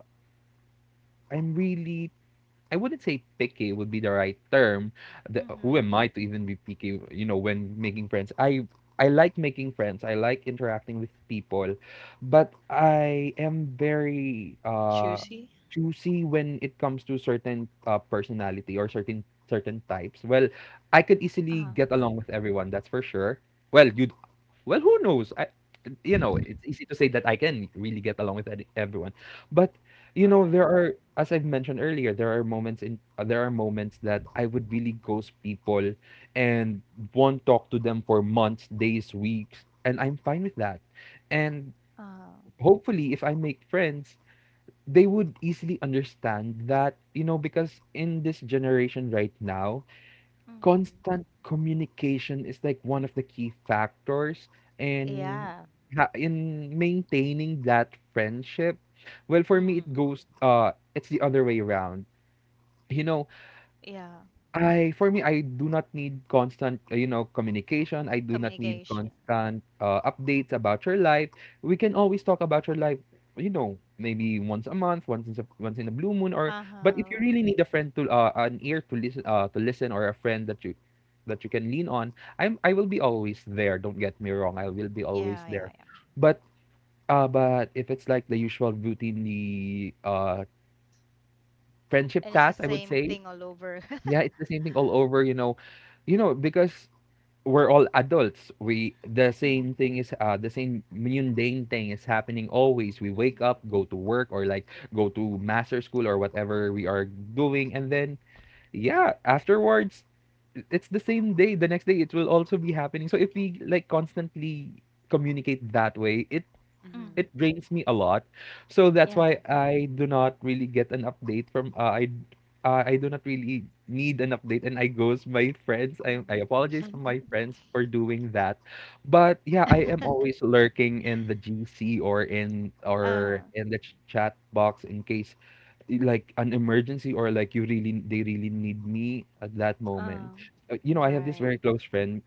C: I'm really, I wouldn't say picky would be the right term. Who
A: Mhm.
C: am I to even be picky? You know, when making friends, I like making friends. I like interacting with people, but I am very
A: Mhm.
B: Choosy.
C: choosy when it comes to certain personality or certain types. Well, I could easily get along with everyone. That's for sure. Well, you well, who knows? You know,
A: Uh-huh. (laughs)
C: it's easy to say that I can really get along with everyone, but, you know,
A: Right.
C: there are, as I've mentioned earlier, there are moments in there are moments that I would really ghost people and won't talk to them for months, days, weeks, and I'm fine with that. And
A: Huh.
C: hopefully, if I make friends, they would easily understand that, you know, because in this generation right now,
A: Mhm.
C: constant communication is like one of the key factors in
A: Yeah.
C: in maintaining that friendship. Well, for me it
A: Mhm.
C: goes it's the other way around. You know,
A: Yeah.
C: I for me, I do not need constant, communication. I do not need
A: Communication.
C: constant updates about your life. We can always talk about your life, you know, maybe once a month, once in a blue moon, or. But if
A: Uh-huh.
C: you
A: Uh-huh.
C: really need a friend to an ear to listen to listen, or a friend that you can lean on, I will be always there. Don't get me wrong, I will be
A: Yeah,
C: always
A: yeah,
C: there.
A: yeah.
C: But but if it's like the usual routinely friendship
A: And it's the
C: task, I would
A: same
C: say,
A: thing all over.
C: yeah,
A: (laughs)
C: it's the same thing all over, you know. You know, because we're all adults. We The same
A: Mhm.
C: thing is the same mundane thing is happening always. We wake
A: Mhm.
C: up, go to work or like go to master school or whatever we are doing, and then, yeah, afterwards it's the same day. The next day it will also be happening. So if we like constantly communicate that way,
B: Mm-hmm.
A: Mhm.
C: it drains me a lot. So that's why
A: Yeah.
C: I do not really get an update from I do not really need an update, and I goes my friends.
A: Mhm.
C: I apologize for my
A: Mhm.
C: friends for doing that. But yeah, I am always
A: (laughs)
C: lurking in the GC or
A: Uh-huh.
C: in the chat box in case like an emergency, or like you really they really need me at that moment.
A: Um,
C: You know, I have this very
A: right.
C: close friend,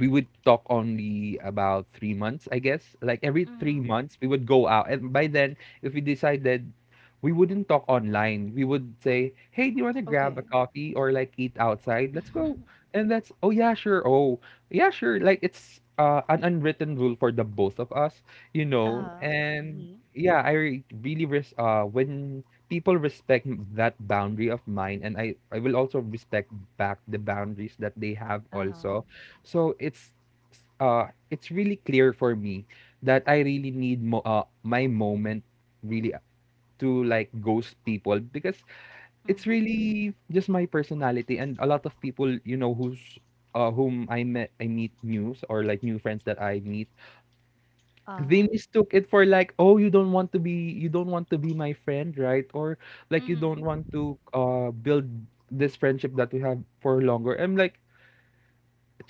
C: we would talk only about 3 months, I guess. Like every three
A: Mhm.
C: months, we would go out. And by then, if we decided we wouldn't talk online, we would say, hey, do you want to
A: Okay.
C: grab a coffee or like eat outside? Let's go.
A: (laughs)
C: And that's, oh, yeah, sure. Oh, yeah, sure. Like it's an unwritten rule for the both of us, you know.
A: Uh-huh.
C: And
B: Hmm.
C: yeah, I really, when people respect that boundary of mine, and I will also respect back the boundaries that they have
A: Uh-huh.
C: also. So it's really clear for me that I really need my moment really to like ghost people, because it's
A: Mhm.
C: really just my personality. And a lot of people, you know, who's whom I meet news or like new friends that I meet, they
A: Uh-huh.
C: mistook it for like, oh, you don't want to be you don't want to be my friend, right? Or like you don't
A: Mhm.
C: want to build this friendship that we have for longer. I'm like,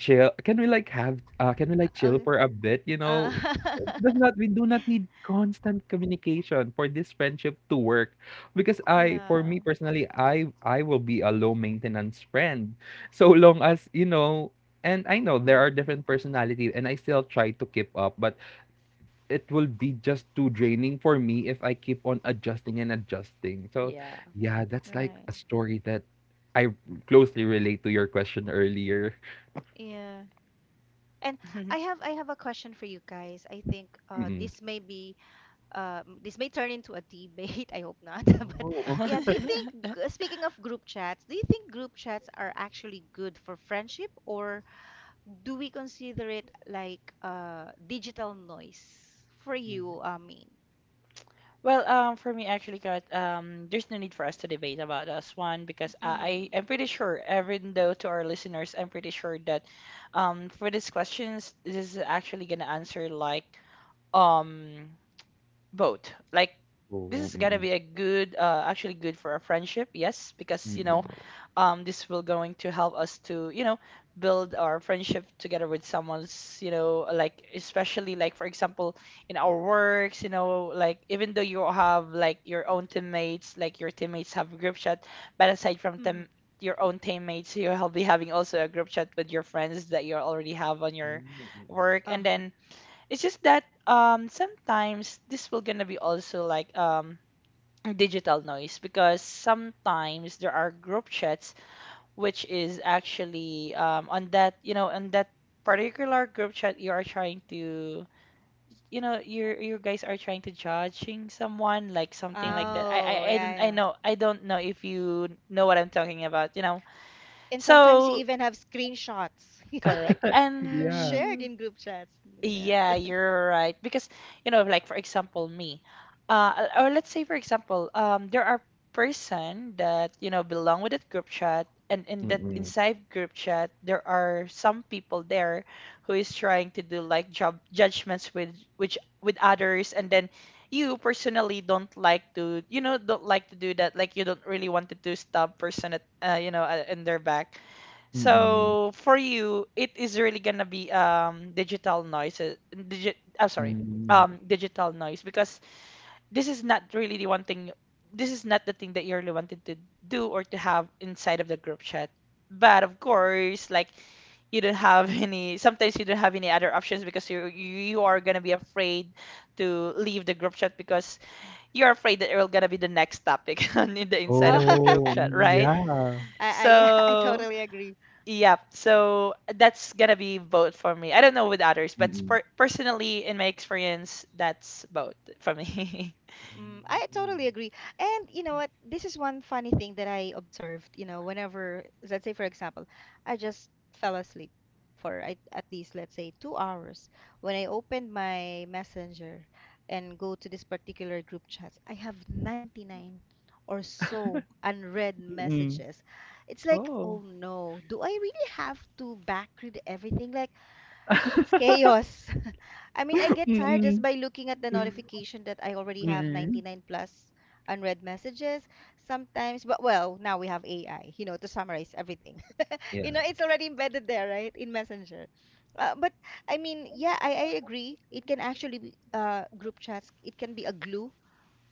C: chill, can we like have can we like chill
A: Okay.
C: for a bit, you
A: Uh,
C: know? It
A: (laughs)
C: does not, we do not need constant communication for this friendship to work, because I for
A: yeah.
C: me personally, I will be a low maintenance friend, so long as, you know. And I know there are
A: Mhm.
C: different personalities and I still try to keep up, but it will be just too draining for me if I keep on adjusting and adjusting. So
B: Yeah.
C: yeah, that's
A: Right.
C: like a story that I closely relate to your question earlier.
A: Yeah. And
B: (laughs)
A: I have a question for you guys. I think
C: (laughs) Mm-mm.
A: this may be, this may turn into a debate. (laughs) I hope not. (laughs) But
C: Oh. Oh.
A: yeah, do you think, speaking of group chats, do you think group chats are actually good for friendship, or do we consider it like digital noise for you, I mean?
B: Well, for me, actually, Kat, there's no need for us to debate about this one because I,
A: Mm.
B: I am pretty sure, even though to our listeners, I'm pretty sure that, for these questions, this is actually gonna answer like, um, both. Like, this
C: Oo,
B: is gonna
C: mm.
B: be a good, actually good for a friendship, yes, because
C: Mm.
B: this will going to help us to build our friendship together with someone's, like especially like for example in our works, like even though you have like your own teammates, like your teammates have group chat, but aside from
A: Mm-hmm.
B: them, your own teammates, you'll be having also a group chat with your friends that you already have on your
C: Mm.
B: work. And
A: Uh-huh.
B: then it's just that sometimes this will gonna be also like digital noise, because sometimes there are group chats which is actually on that, on that particular group chat you are trying to, you you guys are trying to judging someone, like something like that. I, I
A: Oh,
B: I
A: yeah,
B: don't,
A: yeah.
B: I don't know if you know what I'm talking about,
A: And sometimes you
B: so
A: even have screenshots (laughs)
B: correct.
C: Yeah.
A: shared
B: And
A: in group chats. Goodness.
B: yeah,
A: (laughs)
B: you're right. Because, like for example, me, or let's say for example, there are person that, belong with that group chat, and in that
C: Mm.
B: inside group chat, there are some people there who is trying to do like job judgments with which with others, and then you personally don't like to, don't like to do that. Like you don't really want to stab person at, in their back.
A: Mm-hmm.
C: Mm.
B: So for you, it is really gonna be digital noise. I'm sorry,
A: Mm-hmm.
C: Hmm.
B: digital noise because this is not really the one thing. This is not the thing that you really wanted to do or to have inside of the group chat. But of course, like you don't have (laughs) any. Sometimes you don't have any other options because you are gonna be afraid to leave the group chat because you're afraid that it will gonna be the next topic (laughs) on in the inside
A: Oh,
B: of the group
C: Oh,
A: (laughs)
B: chat,
C: mm,
B: right?
C: yeah.
A: yeah, I
B: So.
A: totally agree.
B: Yep. So that's gonna be both for me. I don't know with others, but
C: Mm.
B: per personally, in my experience, that's both for me.
A: Mm, I totally agree. And you know what? This is one funny thing that I observed, you know, whenever, let's say, for example, I just fell asleep for at least, let's say, 2 hours. When I opened my messenger and go to this particular group chats, I have 99 or so unread
C: Mm.
A: messages. It's
B: (laughs)
A: like, oh
B: Oh,
A: no, do I really have to backread everything? Like, that's chaos. I mean, I get tired just
C: Mm.
A: by looking at the notification that I already have
C: Mm.
A: 99 plus unread messages sometimes. But well, now we have AI, you know, to summarize everything. (laughs) You know,
C: Yeah.
A: it's already embedded there, right, in Messenger. But I mean, yeah, I agree. It can actually be group chats. It can be a glue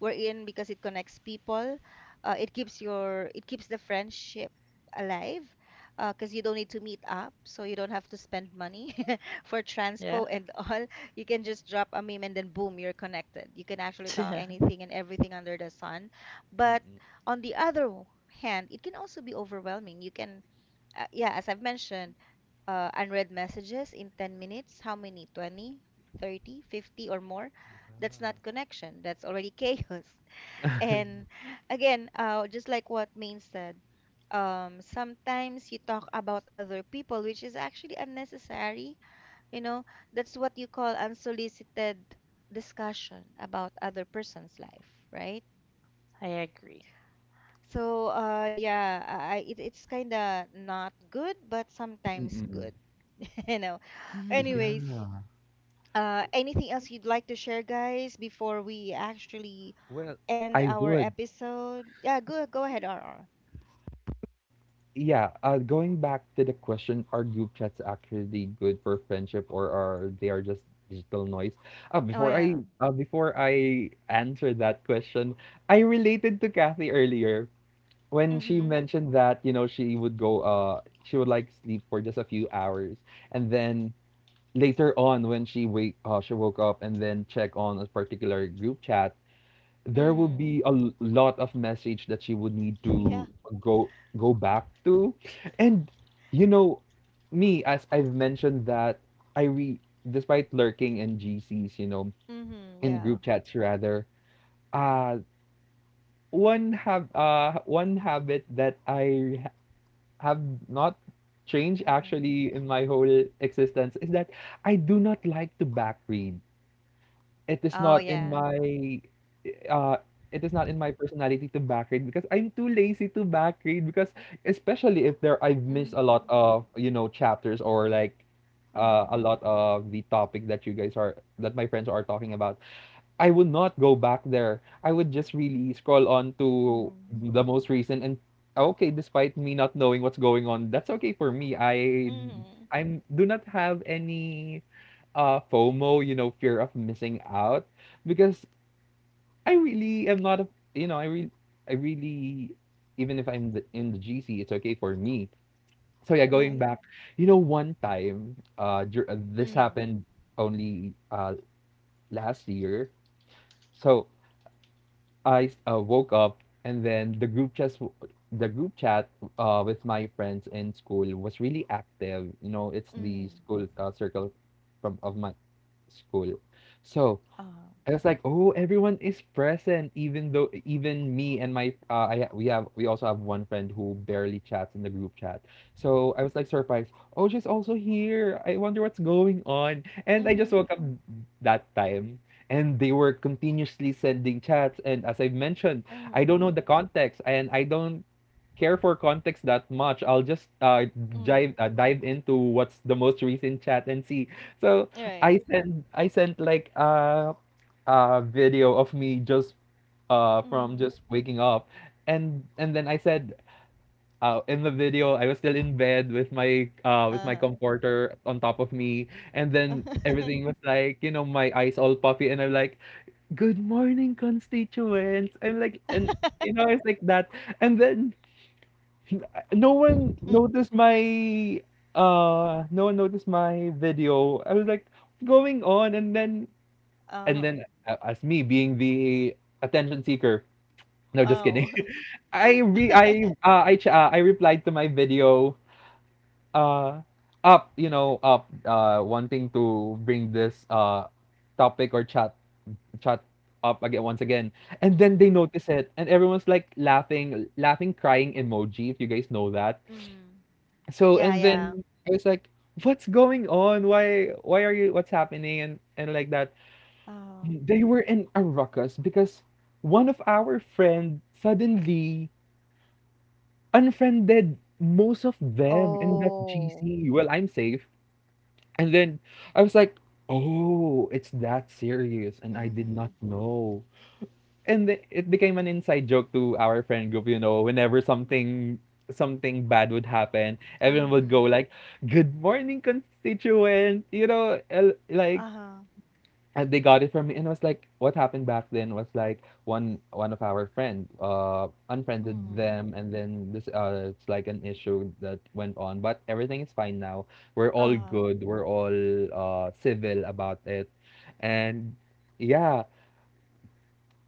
A: we're in because it connects people. It keeps your, it keeps the friendship alive, because you don't need to meet up, so you don't have to spend money (laughs) for
B: yeah.
A: transpo and all. You can just drop a meme and then boom, you're connected. You can actually talk
B: (laughs)
A: anything and everything under the sun. But on the other hand, it can also be overwhelming. You can, yeah, as I've mentioned, unread messages in 10 minutes, how many? 20, 30, 50, or more? That's not connection. That's already (laughs) chaos.
C: (laughs)
A: And again, just like what Main said, sometimes you talk about other people, which is actually unnecessary. You know, that's what you call unsolicited discussion about other person's life, right?
B: I agree.
A: So, yeah, it, it's kind of not good, but sometimes
C: Mm.
A: good, (laughs) you know.
C: Yeah.
B: (laughs)
A: Anyways,
C: Mm. Yeah.
A: anything else you'd like to share, guys, before we actually
C: Well,
A: end
C: I
A: our
C: would.
A: episode? Yeah, go go ahead, R. R.
C: Yeah, going back to the question, are group chats actually good for friendship, or are they are just digital noise?
A: Oh yeah.
C: Before I answer that question, I related to Kathy earlier when she
A: Mhm.
C: mentioned that, you know, she would go she would like sleep for just a few hours, and then later on, when she wake she woke up and then check on a particular group chat, there will
A: Mhm.
C: be a lot of message that she would need
A: (laughs) Yeah.
C: to go go back to. And, you know, me, as I've mentioned that, I re despite lurking in GCs, you know,
A: Mhm.
C: in
A: Yeah.
C: group chats rather, uh one habit that I have not changed
A: Mm-mm.
C: actually in my whole existence is that I do not like to backread. It is
A: Oh,
C: not in
A: yeah.
C: my uh, it is not in my personality to backgrade, because I'm too lazy to backgrade, because especially if there I've missed a lot
A: Mhm.
C: of, you know, chapters or like
A: Uh-huh.
C: a lot of the topic that you guys are that my friends are talking about, I would not go back there, I would just really scroll on to
A: Mhm.
C: the most recent. And okay, despite me not knowing what's going on, that's okay for me.
A: Mhm.
C: I'm do not have any FOMO, you know, fear of missing out, because I really am not a, you know, I really, even if I'm in the GC, it's okay for me. So yeah, going
A: Right.
C: back, you know, one time, this
A: Mhm.
C: happened only last year. So I woke up, and then the group chat with my friends in school was really active. You know, it's the
A: Mhm.
C: school circle from of my school. So
A: Uh-huh.
C: I was like, oh, everyone is present, even though even me and my I we have we also have one friend who barely chats in the group chat. So I was like surprised. Oh, she's also here. I wonder what's going on. And I just
A: Mhm.
C: woke up that time, and they were continuously sending chats. And as I've mentioned, I don't know
A: Mhm.
C: the context, and I don't care for context that much. I'll just
A: Mhm.
C: dive into what's the most recent chat and see. So
A: Right.
C: I sent like video of me just from
A: Mhm.
C: just waking up and then I said in the video I was still in bed with my
A: Uh-huh.
C: comforter on top of me and then everything was like my eyes all puffy and I'm like good morning constituents I'm like and you know
A: (laughs)
C: it's like that and then (laughs) no one
A: Mm.
C: noticed my no one noticed my video I was like, "What's going on?" And then
A: Uh-huh.
C: as me being the attention seeker, no, just kidding.
A: Oh.
C: (laughs) I re-
A: (laughs)
C: I ch- I replied to my video, uh up, you know, up wanting to bring this topic or chat up again, once again, and then they
A: Mhm.
C: notice it and everyone's like laughing, laughing crying emoji, if you guys know that.
A: Mhm.
C: So
A: Yeah,
C: and then
A: yeah.
C: I was like, what's going on, why are you, what's happening? And like that.
A: Um.
C: They were in a ruckus because one of our friend suddenly unfriended most of them in that
A: Oh.
C: GC. Well, I'm safe. And then I was like, oh, it's that serious. And I did not
A: Mhm.
C: know. And then it became an inside joke to our friend group, you know, whenever something bad would happen, everyone would go
A: Um.
C: like, good morning, constituent, you know, like,
A: Uh-huh.
C: and they got it from me. And I was like, what happened back then was like one of our friend unfriended
A: Mhm.
C: them, and then this it's like an issue that went on, but everything is fine now. We're all
A: Uh-huh.
C: good, we're all civil about it. And yeah,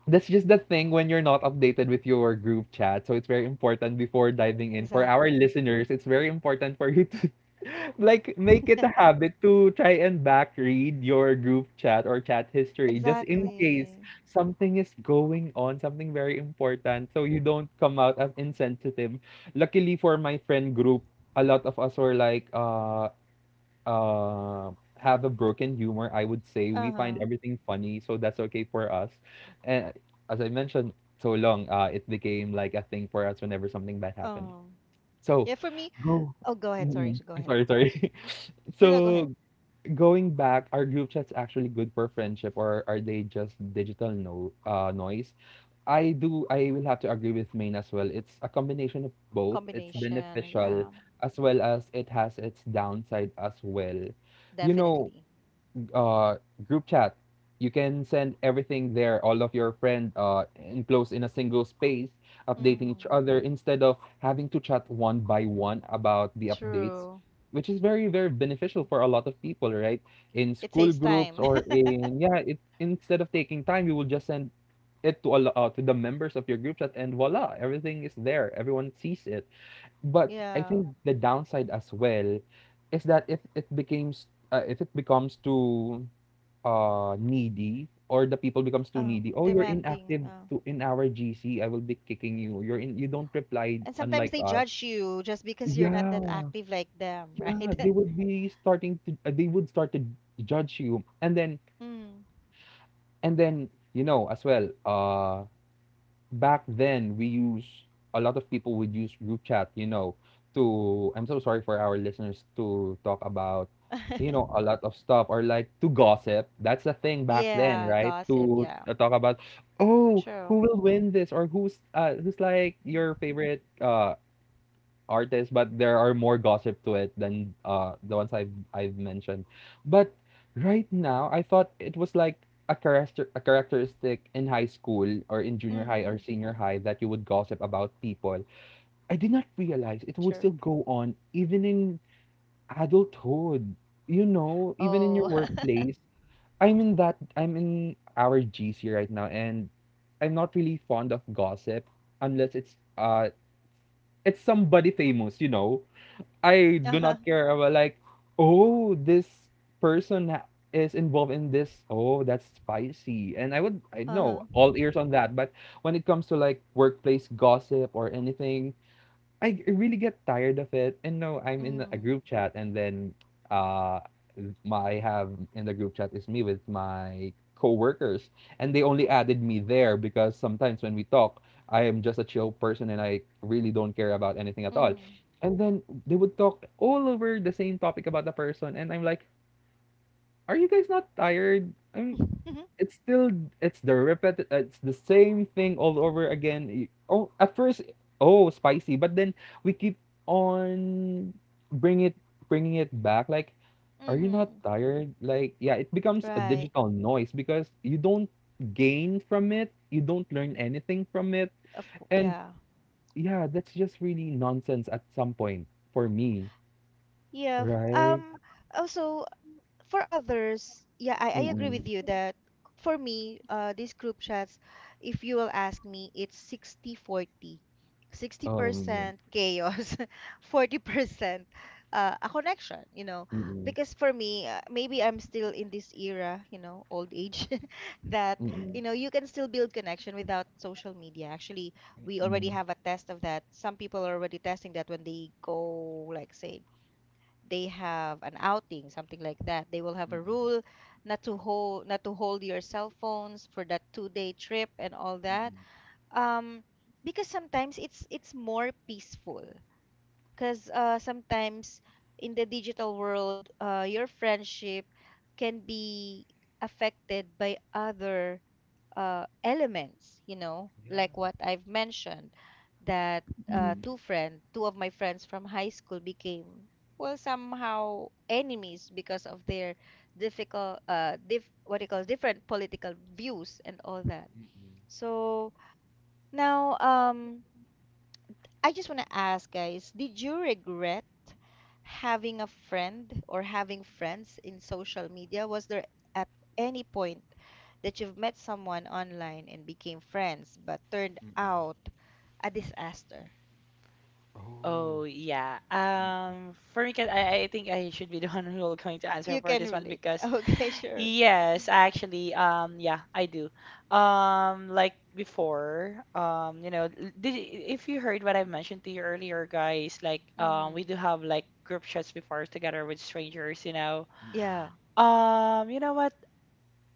C: that's just the thing when you're not updated with your group chat. So it's very important before diving in, for our
A: Exactly.
C: listeners, it's very important for you to like make it a habit to try and back read your group chat or chat history, just in case
A: Exactly.
C: something is going on, something very important, so you don't come out as insensitive. Luckily for my friend group, a lot of us were like uh have a broken humor, I would say. We find
A: Uh-huh.
C: everything funny, so that's okay for us. And as I mentioned so long, it became like a thing for us whenever something bad happened.
A: Uh-huh.
C: So,
A: Yeah, for me,
C: go
A: oh, go ahead. Sorry,
C: mm,
A: go
C: I
A: ahead.
C: sorry, sorry. (laughs)
A: No, no, go ahead.
C: So, going back, are group chats actually good for friendship, or are they just digital no noise? I do, I will have to agree with Maine as well. It's a combination of both. It's
A: Combination.
C: beneficial
A: Yeah,
C: as well as it has its downside as well. You know,
A: definitely.
C: uh group chat, you can send everything there, all of your friend enclosed in a single space, updating each
A: Mm-hmm.
C: other instead of having to chat one by one about the updates,
A: True.
C: which is very very beneficial for a lot of people, right? In
A: It
C: school
A: saves
C: groups
A: time.
C: or
A: (laughs)
C: in, yeah, it, instead of taking time, you will just send it to all to the members of your group chat, and voila, everything is there, everyone sees it. But I
A: Yeah.
C: think the downside as well is that if it becomes too needy, or the people becomes too needy, oh, you're inactive
A: Demanding.
C: to in our GC, I will be kicking you, you're in, you don't reply
A: And sometimes
C: unlike
A: they
C: us.
A: judge you just because you're not
C: Yeah,
A: that active like them, (laughs) right?
C: yeah, they would be starting to they would start to judge you,
A: Mm.
C: and then you know as well, back then we use, a lot of people would use group chat, you know, to, I'm so sorry for our listeners, to talk about, you know, a
A: (laughs)
C: lot of stuff, or like to gossip. That's the thing back then,
A: Yeah,
C: right?
A: gossip.
C: To
A: Yeah.
C: talk about, oh, who
A: True.
C: will win this, or who's who's like your favorite artists, but there are more gossip to it than the ones I've mentioned. But right now, I thought it was like a characteristic in high school or in junior high or
A: Mm-hmm.
C: senior high that you would gossip about people. I did not realize it would
A: True.
C: still go on even in adulthood. You know, even in your
A: Oh. (laughs)
C: workplace. I'm in our GC right now, and I'm not really fond of gossip unless it's it's somebody famous, you know. I do
A: Uh-huh.
C: not care about like, oh, this person is involved in this. Oh, that's spicy. And I would, I
A: Uh-huh.
C: know, all ears on that. But when it comes to like workplace gossip or anything, really get tired of it. And no, I'm in a
A: Mm-hmm.
C: group chat, and then uh, my I have in the group chat is me with my coworkers, and they only added me there because sometimes when we talk, I am just a chill person and I really don't care about anything at all.
A: Mm-hmm.
C: And then they would talk all over the same topic about the person, and I'm like, "Are you guys not tired? I mean,
A: (laughs)
C: it's still it's the same thing all over again. Y- Oh, at first, oh, spicy, but then we keep on bring it bringing it back. Like, are you not
A: Mm-hmm.
C: tired?" Like, yeah, it becomes a
A: Right.
C: digital noise because you don't gain from it, you don't learn anything from it,
A: Of course.
C: and
A: Yeah.
C: yeah, that's just really nonsense at some point for me,
A: Yeah.
C: right?
A: Also, for others, yeah, I agree with
C: Mm-mm.
A: you that for me, these group chats, if you will ask me, it's
C: Oh, mm-mm.
A: 60% chaos, (laughs) 40% a connection, you know.
C: Mm-mm.
A: Because for me, maybe I'm still in this era, you know, old age, (laughs) that,
C: Mm-mm.
A: you know, you can still build connection without social media. Actually, we already have
C: Mm-mm.
A: a test of that. Some people are already testing that when they go, like, say, they have an outing, something like that. They will have a rule
C: Mm-mm.
A: not to hold your cell phones for that two-day trip and all that. Um, because sometimes it's more peaceful. Because sometimes in the digital world, your friendship can be affected by other elements, you know,
C: Yeah.
A: like what I've mentioned, that
C: Mm, mm,
A: two of my friends from high school became well somehow enemies because of their difficult, diff what do you call different political views and all that.
C: mm,
A: So now, I just want to ask, guys, did you regret having a friend or having friends in social media? Was there at any point that you've met someone online and became friends, but turned
C: mm. Mm.
A: out a disaster?
C: Oh.
B: Oh, yeah.
C: Mm,
B: For me, 'cause I think I should be the (laughs) one who will going to answer
A: You
B: for
A: can
B: this one,
A: relate. (laughs)
B: because
A: Okay, sure.
B: yes, actually, I do. Like before, you know, l- did if you heard what I mentioned to you earlier, guys, like, we
A: Mm.
B: do have like group chats before together with strangers,
C: mm, mm.
A: Yeah.
B: You know what?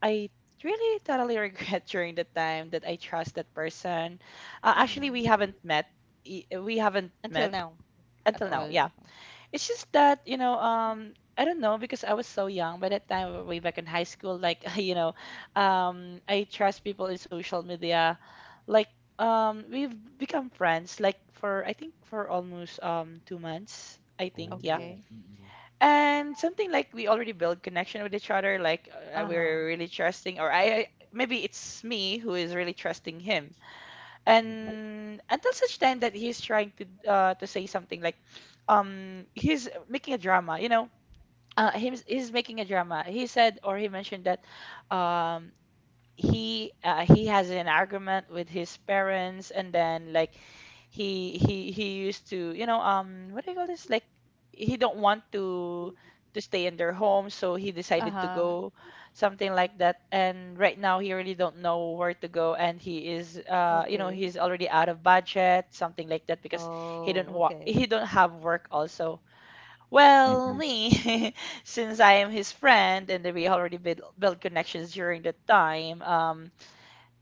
B: I really totally regret (laughs) during the time that I trust that person.
C: Oh.
B: Actually,
A: Mm.
B: we
C: Oh.
B: haven't met. i- We haven't
A: Until
B: met
A: now, at
B: until
C: Mm,
B: now.
A: all.
B: Yeah.
A: Uh-huh.
B: It's just that, I don't know because I was so young by that time, way back in high school. Like, (laughs) I trust people in social media. Like, we've become friends, like for I think for almost 2 months, I think, yeah.
C: oh.
A: Okay.
C: Mm,
B: And something like we already build connection with each other. Like,
A: Uh-huh.
B: we're really trusting, or maybe it's me who is really trusting him.
C: mm, mm,
B: And until such time that he's trying to say something like he's making a drama, he's making a drama. He said or he mentioned that um he has an argument with his parents, and then like he used to what do you call this, like he don't want to stay in their home, so he decided to
A: Uh-huh.
B: go something like that. And right now he really don't know where to go, and he is
A: Okay.
B: he's already out of budget something like that, because
A: Oh, okay.
B: he don't have work also.
C: mm. Mm,
B: Well,
C: mm,
B: me, (laughs) since I am his friend and we already build, built connections during the time,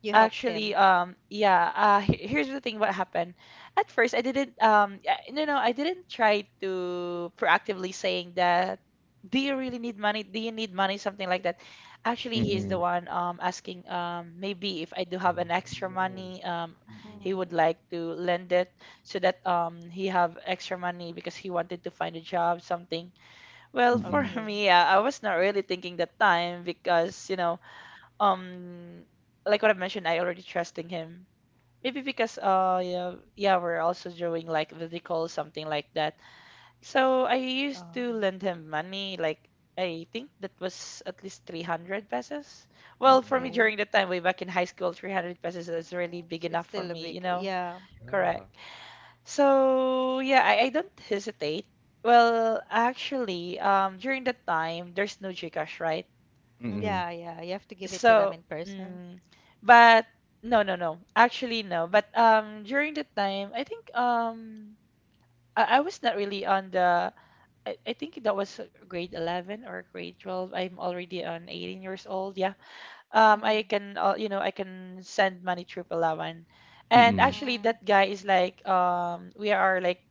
A: You helped
B: actually,
A: him.
B: he- here's the thing what happened. At first, I didn't, I didn't try to proactively saying that, do you really need money? Do you need money? Something like that. Actually, he's the
C: mm.
B: one, asking, maybe if I do
C: Oh.
B: have an extra money,
C: Mm, mm,
B: he
A: Mm-hmm.
B: would like to lend it so that he have extra money because he wanted to find a job something. Well, for (laughs)
A: Okay.
B: me, yeah, I was not really thinking that time because, um, like what I mentioned, I already trusting him. Maybe because, we're also doing like video call, something like that. So I used
A: Uh.
B: to lend him money, like I think that was at least 300 pesos.
C: mm,
B: Well,
C: mm.
B: for
C: Mm,
B: me
C: mm.
A: Okay.
B: during the time way back in high school, 300 pesos is really big
A: It's
B: enough for
A: still a
B: me, you
A: big,
B: know?
A: yeah,
C: Yeah.
B: Correct. So yeah, I don't hesitate. Well, actually, during that time, there's no Gcash, right?
C: Mm-mm.
A: yeah, yeah. You have to give it to them
B: So,
A: in person.
B: mm, but no. Actually, no. But during that time, I think I was not really on the. I think that was grade 11 or grade 12. I'm already on 18 years old. Yeah. I
A: Mm.
B: can, I can send money through Palawan. And
C: Mm-mm.
B: actually,
A: Mm.
B: that guy is like, we are like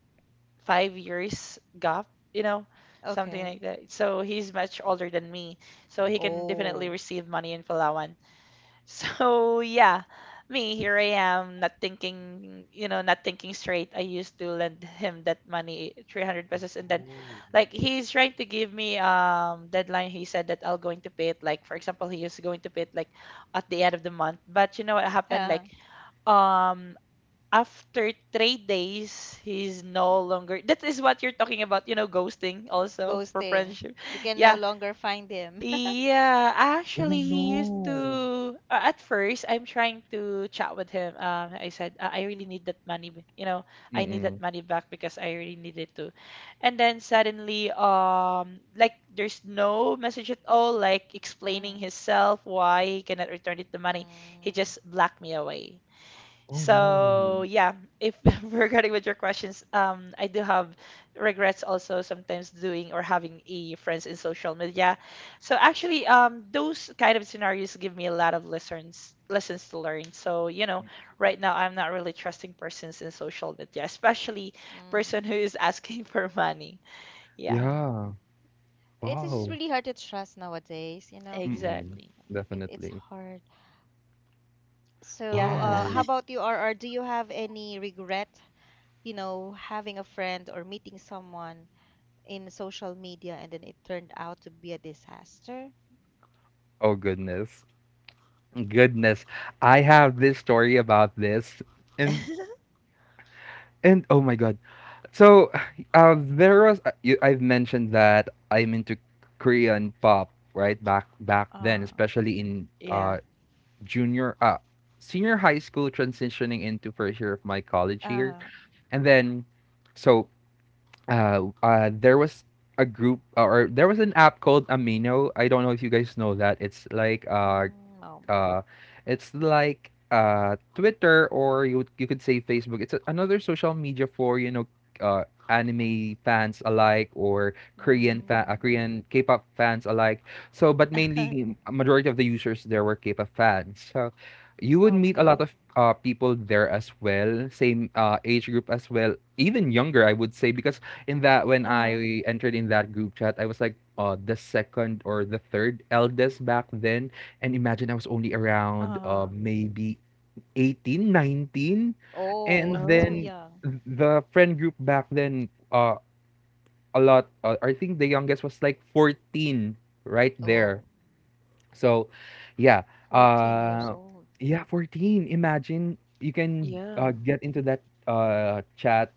B: 5 years gap, you know, something like
A: Okay.
B: that. So he's much older than me. So he can
C: Mm-mm.
B: definitely
A: Oh,
B: receive money in Palawan. (laughs) So yeah, me, here I am, not thinking, not thinking straight. I used to lend him that money, 300 pesos, and then
C: Oh.
B: like he's trying to give me deadline. He said that I'll going to pay it, like for example, he is going to pay it like at the end of the month. But you know what
A: (laughs)
B: happened?
A: yeah.
B: Like um after 3 days, he's no longer. That is what you're talking about, ghosting also for
A: Ghosting.
B: friendship.
A: You
B: (laughs)
A: can no
B: Yeah.
A: longer find him. (laughs)
B: Yeah.
C: Oh
B: Actually, he used
C: no.
B: to. At first, I'm trying to chat with him. I said, I really need that money. You know, I need that
C: Mm-mm.
B: money back because I really need it too." And then suddenly, like, there's no message at all, like explaining
A: Mm.
B: himself why he cannot return it the money. He
A: Mm.
B: just blocked me away.
C: Oh
A: Oh,
C: no.
B: So yeah, if (laughs)
A: that's.
B: regarding with your questions, I do have regrets also sometimes doing or having a friends in social media. So actually, those kind of scenarios give me a lot of lessons to learn. So you know, right now I'm not really trusting persons in social media, especially person who
A: Mm.
B: is asking (laughs) for money. Yeah,
A: Yeah.
C: Yeah.
A: It's just
C: Wow.
A: really hard to trust nowadays, you know.
C: Mm-mm.
B: exactly.
A: It it's
C: Definitely.
A: hard. So,
B: Yeah,
A: how
C: Wow.
A: about you, RR? Do you have any regret, you know, having a friend or meeting someone in social media and then it turned out to be a disaster?
C: Oh goodness. Goodness, I have this story about this, and and oh my god. So, there was you, I've mentioned that I'm into Korean pop, right? Back then,
A: Uh,
C: especially in
B: (laughs) yeah.
C: junior senior high school, transitioning into first year of my college year,
A: Uh,
C: and then so, there was a group, or there was an app called Amino. I don't know if you guys know that.
A: mm,
C: Uh it's like Twitter, or you would- you could say Facebook. It's a, another social media for, you know, anime fans alike, or
A: mm.
C: Korean K-pop fans alike. So, but mainly
A: (laughs)
C: a majority of the users there were K-pop fans. So, you would meet a lot
A: Okay.
C: of people there as well, same age group as well, even younger, I would say, because in that when
A: Uh-huh.
C: I entered in that group chat, I was like the second or the third eldest back then. And imagine I was only around
A: Huh.
C: maybe 18, 19.
A: Oh,
C: And
A: (laughs) too
B: Oh,
C: then
A: young.
C: the friend group back then, a lot, I think the youngest was like 14 right there.
A: Oh,
C: So, yeah.
A: 14 years
C: Uh,
A: old.
C: yeah, 14. Imagine you can
B: yeah.
C: get into that chat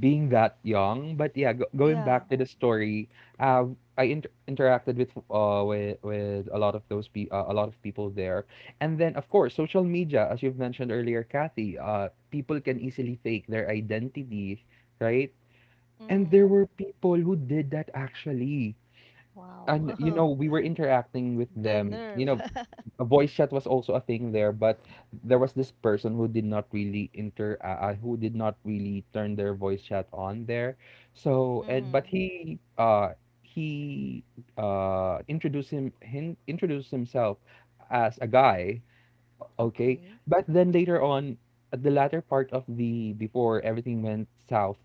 C: being that young. But yeah, going
A: Yeah.
C: back to the story, uh, interacted with with a lot of a lot of people there, and then of course social media, as you've mentioned earlier, Kathy. People can easily fake their identity, right? And there
A: Mm,
C: were people who did that actually.
A: wow.
C: And you
A: (laughs)
C: know, we were interacting with
A: The
C: them. You
A: nerve.
C: know,
A: (laughs)
C: a voice chat was also a thing there, but there was this person who did not really inter who did not really turn their voice chat on there. So and but
A: Mm,
C: he introduced him, him introduced himself as a guy, okay?
A: okay.
C: But then later on, at the latter part of the, before everything went south,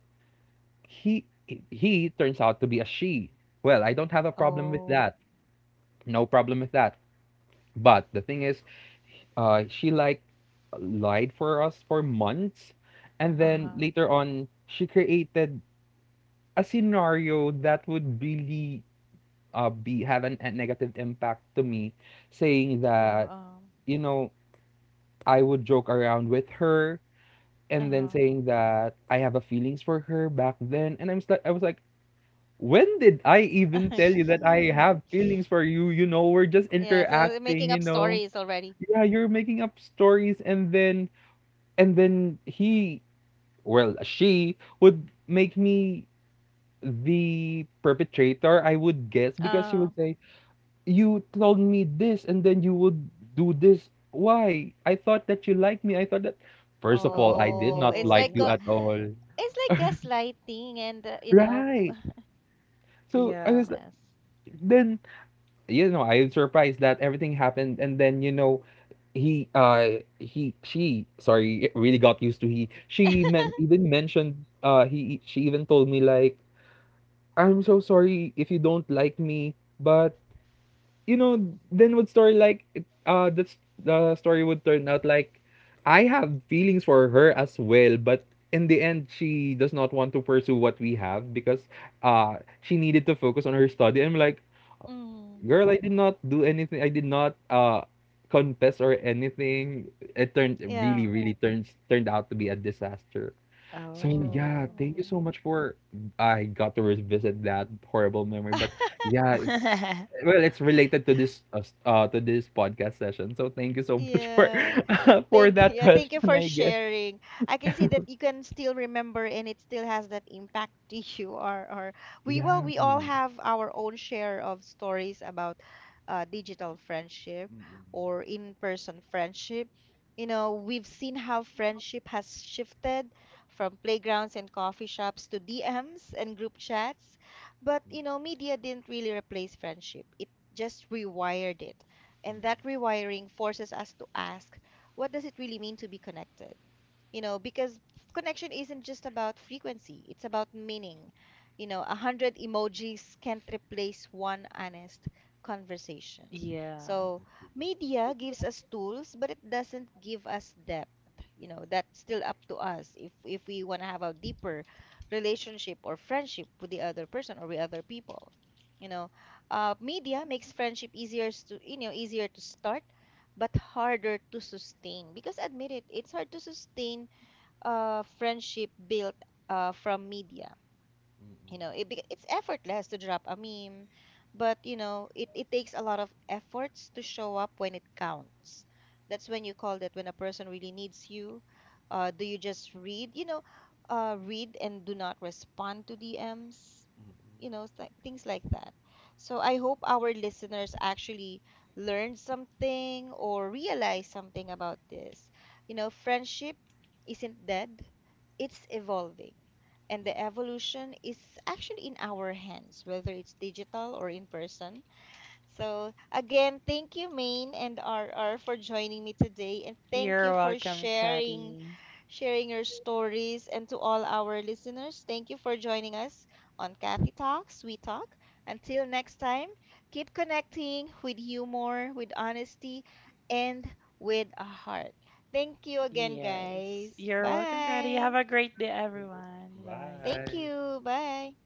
C: he he turns out to be a she. Well, I don't have a problem with
A: Oh.
C: that. No problem with that, but the thing is, she like lied for us for months, and then
B: Mhm.
A: Huh.
C: later on, she created a scenario that would really be have an, a negative impact to me, saying
A: To
C: that, you know, I would joke around with her, and then
A: uh,
C: saying that I have a feelings for her back then, and I was like, when did I even
A: huh.
C: tell
A: (laughs)
C: you that I have
B: (laughs)
C: feelings for you? You know, we're just
A: Yeah, so
C: interacting,
A: making
C: you
A: up
C: know.
A: stories already.
C: Yeah, you're making up stories. And then and then he well, she would make me the perpetrator, I would guess, because she
A: Huh.
C: would say, you told me this, and then you would do this. Why? I thought that you liked me. I thought that, first of all, I did
A: Oh,
C: not like
B: Oh,
C: you at all.
A: it's like gaslighting and, you know,
C: Right. So I
B: yeah.
C: was like,
A: goodness.
C: then, you know, I was surprised that everything happened, and then you know, he she sorry really got used to,
A: (laughs)
C: he she even told me like, I'm so sorry if you don't like me, but, you know, then would story like that's, the story would turn out like, I have feelings for her as well, but in the end she does not want to pursue what we have because uh she needed to focus on her study. I'm like,
A: Mm,
C: girl, I did not do anything. I did not confess or anything. It turned, it really,
A: yeah,
C: really turns turned out to be a disaster. So
A: true.
C: yeah,
B: Oh,
C: thank you so
A: Mm.
C: much for, I got to revisit that horrible memory. But
A: (laughs)
C: yeah, it,
B: (laughs)
C: well, it's related to this to this podcast session. So thank you so much for,
A: Yeah.
C: (laughs) for
A: Thank
C: that
A: Yeah, thank you
C: question,
A: for
C: I guess.
A: sharing. I can see that you can still remember and it still has that impact (laughs) to you or we well
C: Yeah.
A: we all have our own share of stories about digital friendship or in-person friendship. You know, we've seen how friendship has shifted from playgrounds and coffee shops to DMs and group chats. But, you know, media didn't really replace friendship. It just rewired it. And that rewiring forces us to ask what does it really mean to be connected? You know, because connection isn't just about frequency, it's about meaning. You know, 100 emojis can't replace one honest conversation.
B: yeah.
A: So, media gives us tools, but it doesn't give us depth. You know, that's still up to us if we want to have a deeper relationship or friendship with the other person or with other people. You know, media makes friendship easier to you know easier to start but harder to sustain because admit it it's hard to sustain a friendship built from media you know it's effortless to drop a meme but you know it takes a lot of efforts to show up when it counts that's when you call that when a person really needs you do you just read you know read and do not respond to DMs you know, things like that. So I hope our listeners actually learned something or realize something about this. You know, friendship isn't dead, it's evolving. And the evolution is actually in our hands, whether it's digital or in person. So, again, thank you, Maine and RR, for joining me today. And thank
B: You're
A: you for
B: welcome, Caddy.
A: sharing your stories. And to all our listeners, thank you for joining us on Kathy Talks, We Talk. Until next time, keep connecting with humor, with honesty, and with a heart. Thank you again,
B: Yes.
A: guys.
B: You're welcome, Caddy. Have
A: Bye.
B: a great day, everyone. Bye.
A: Thank
C: Bye.
A: you. Bye.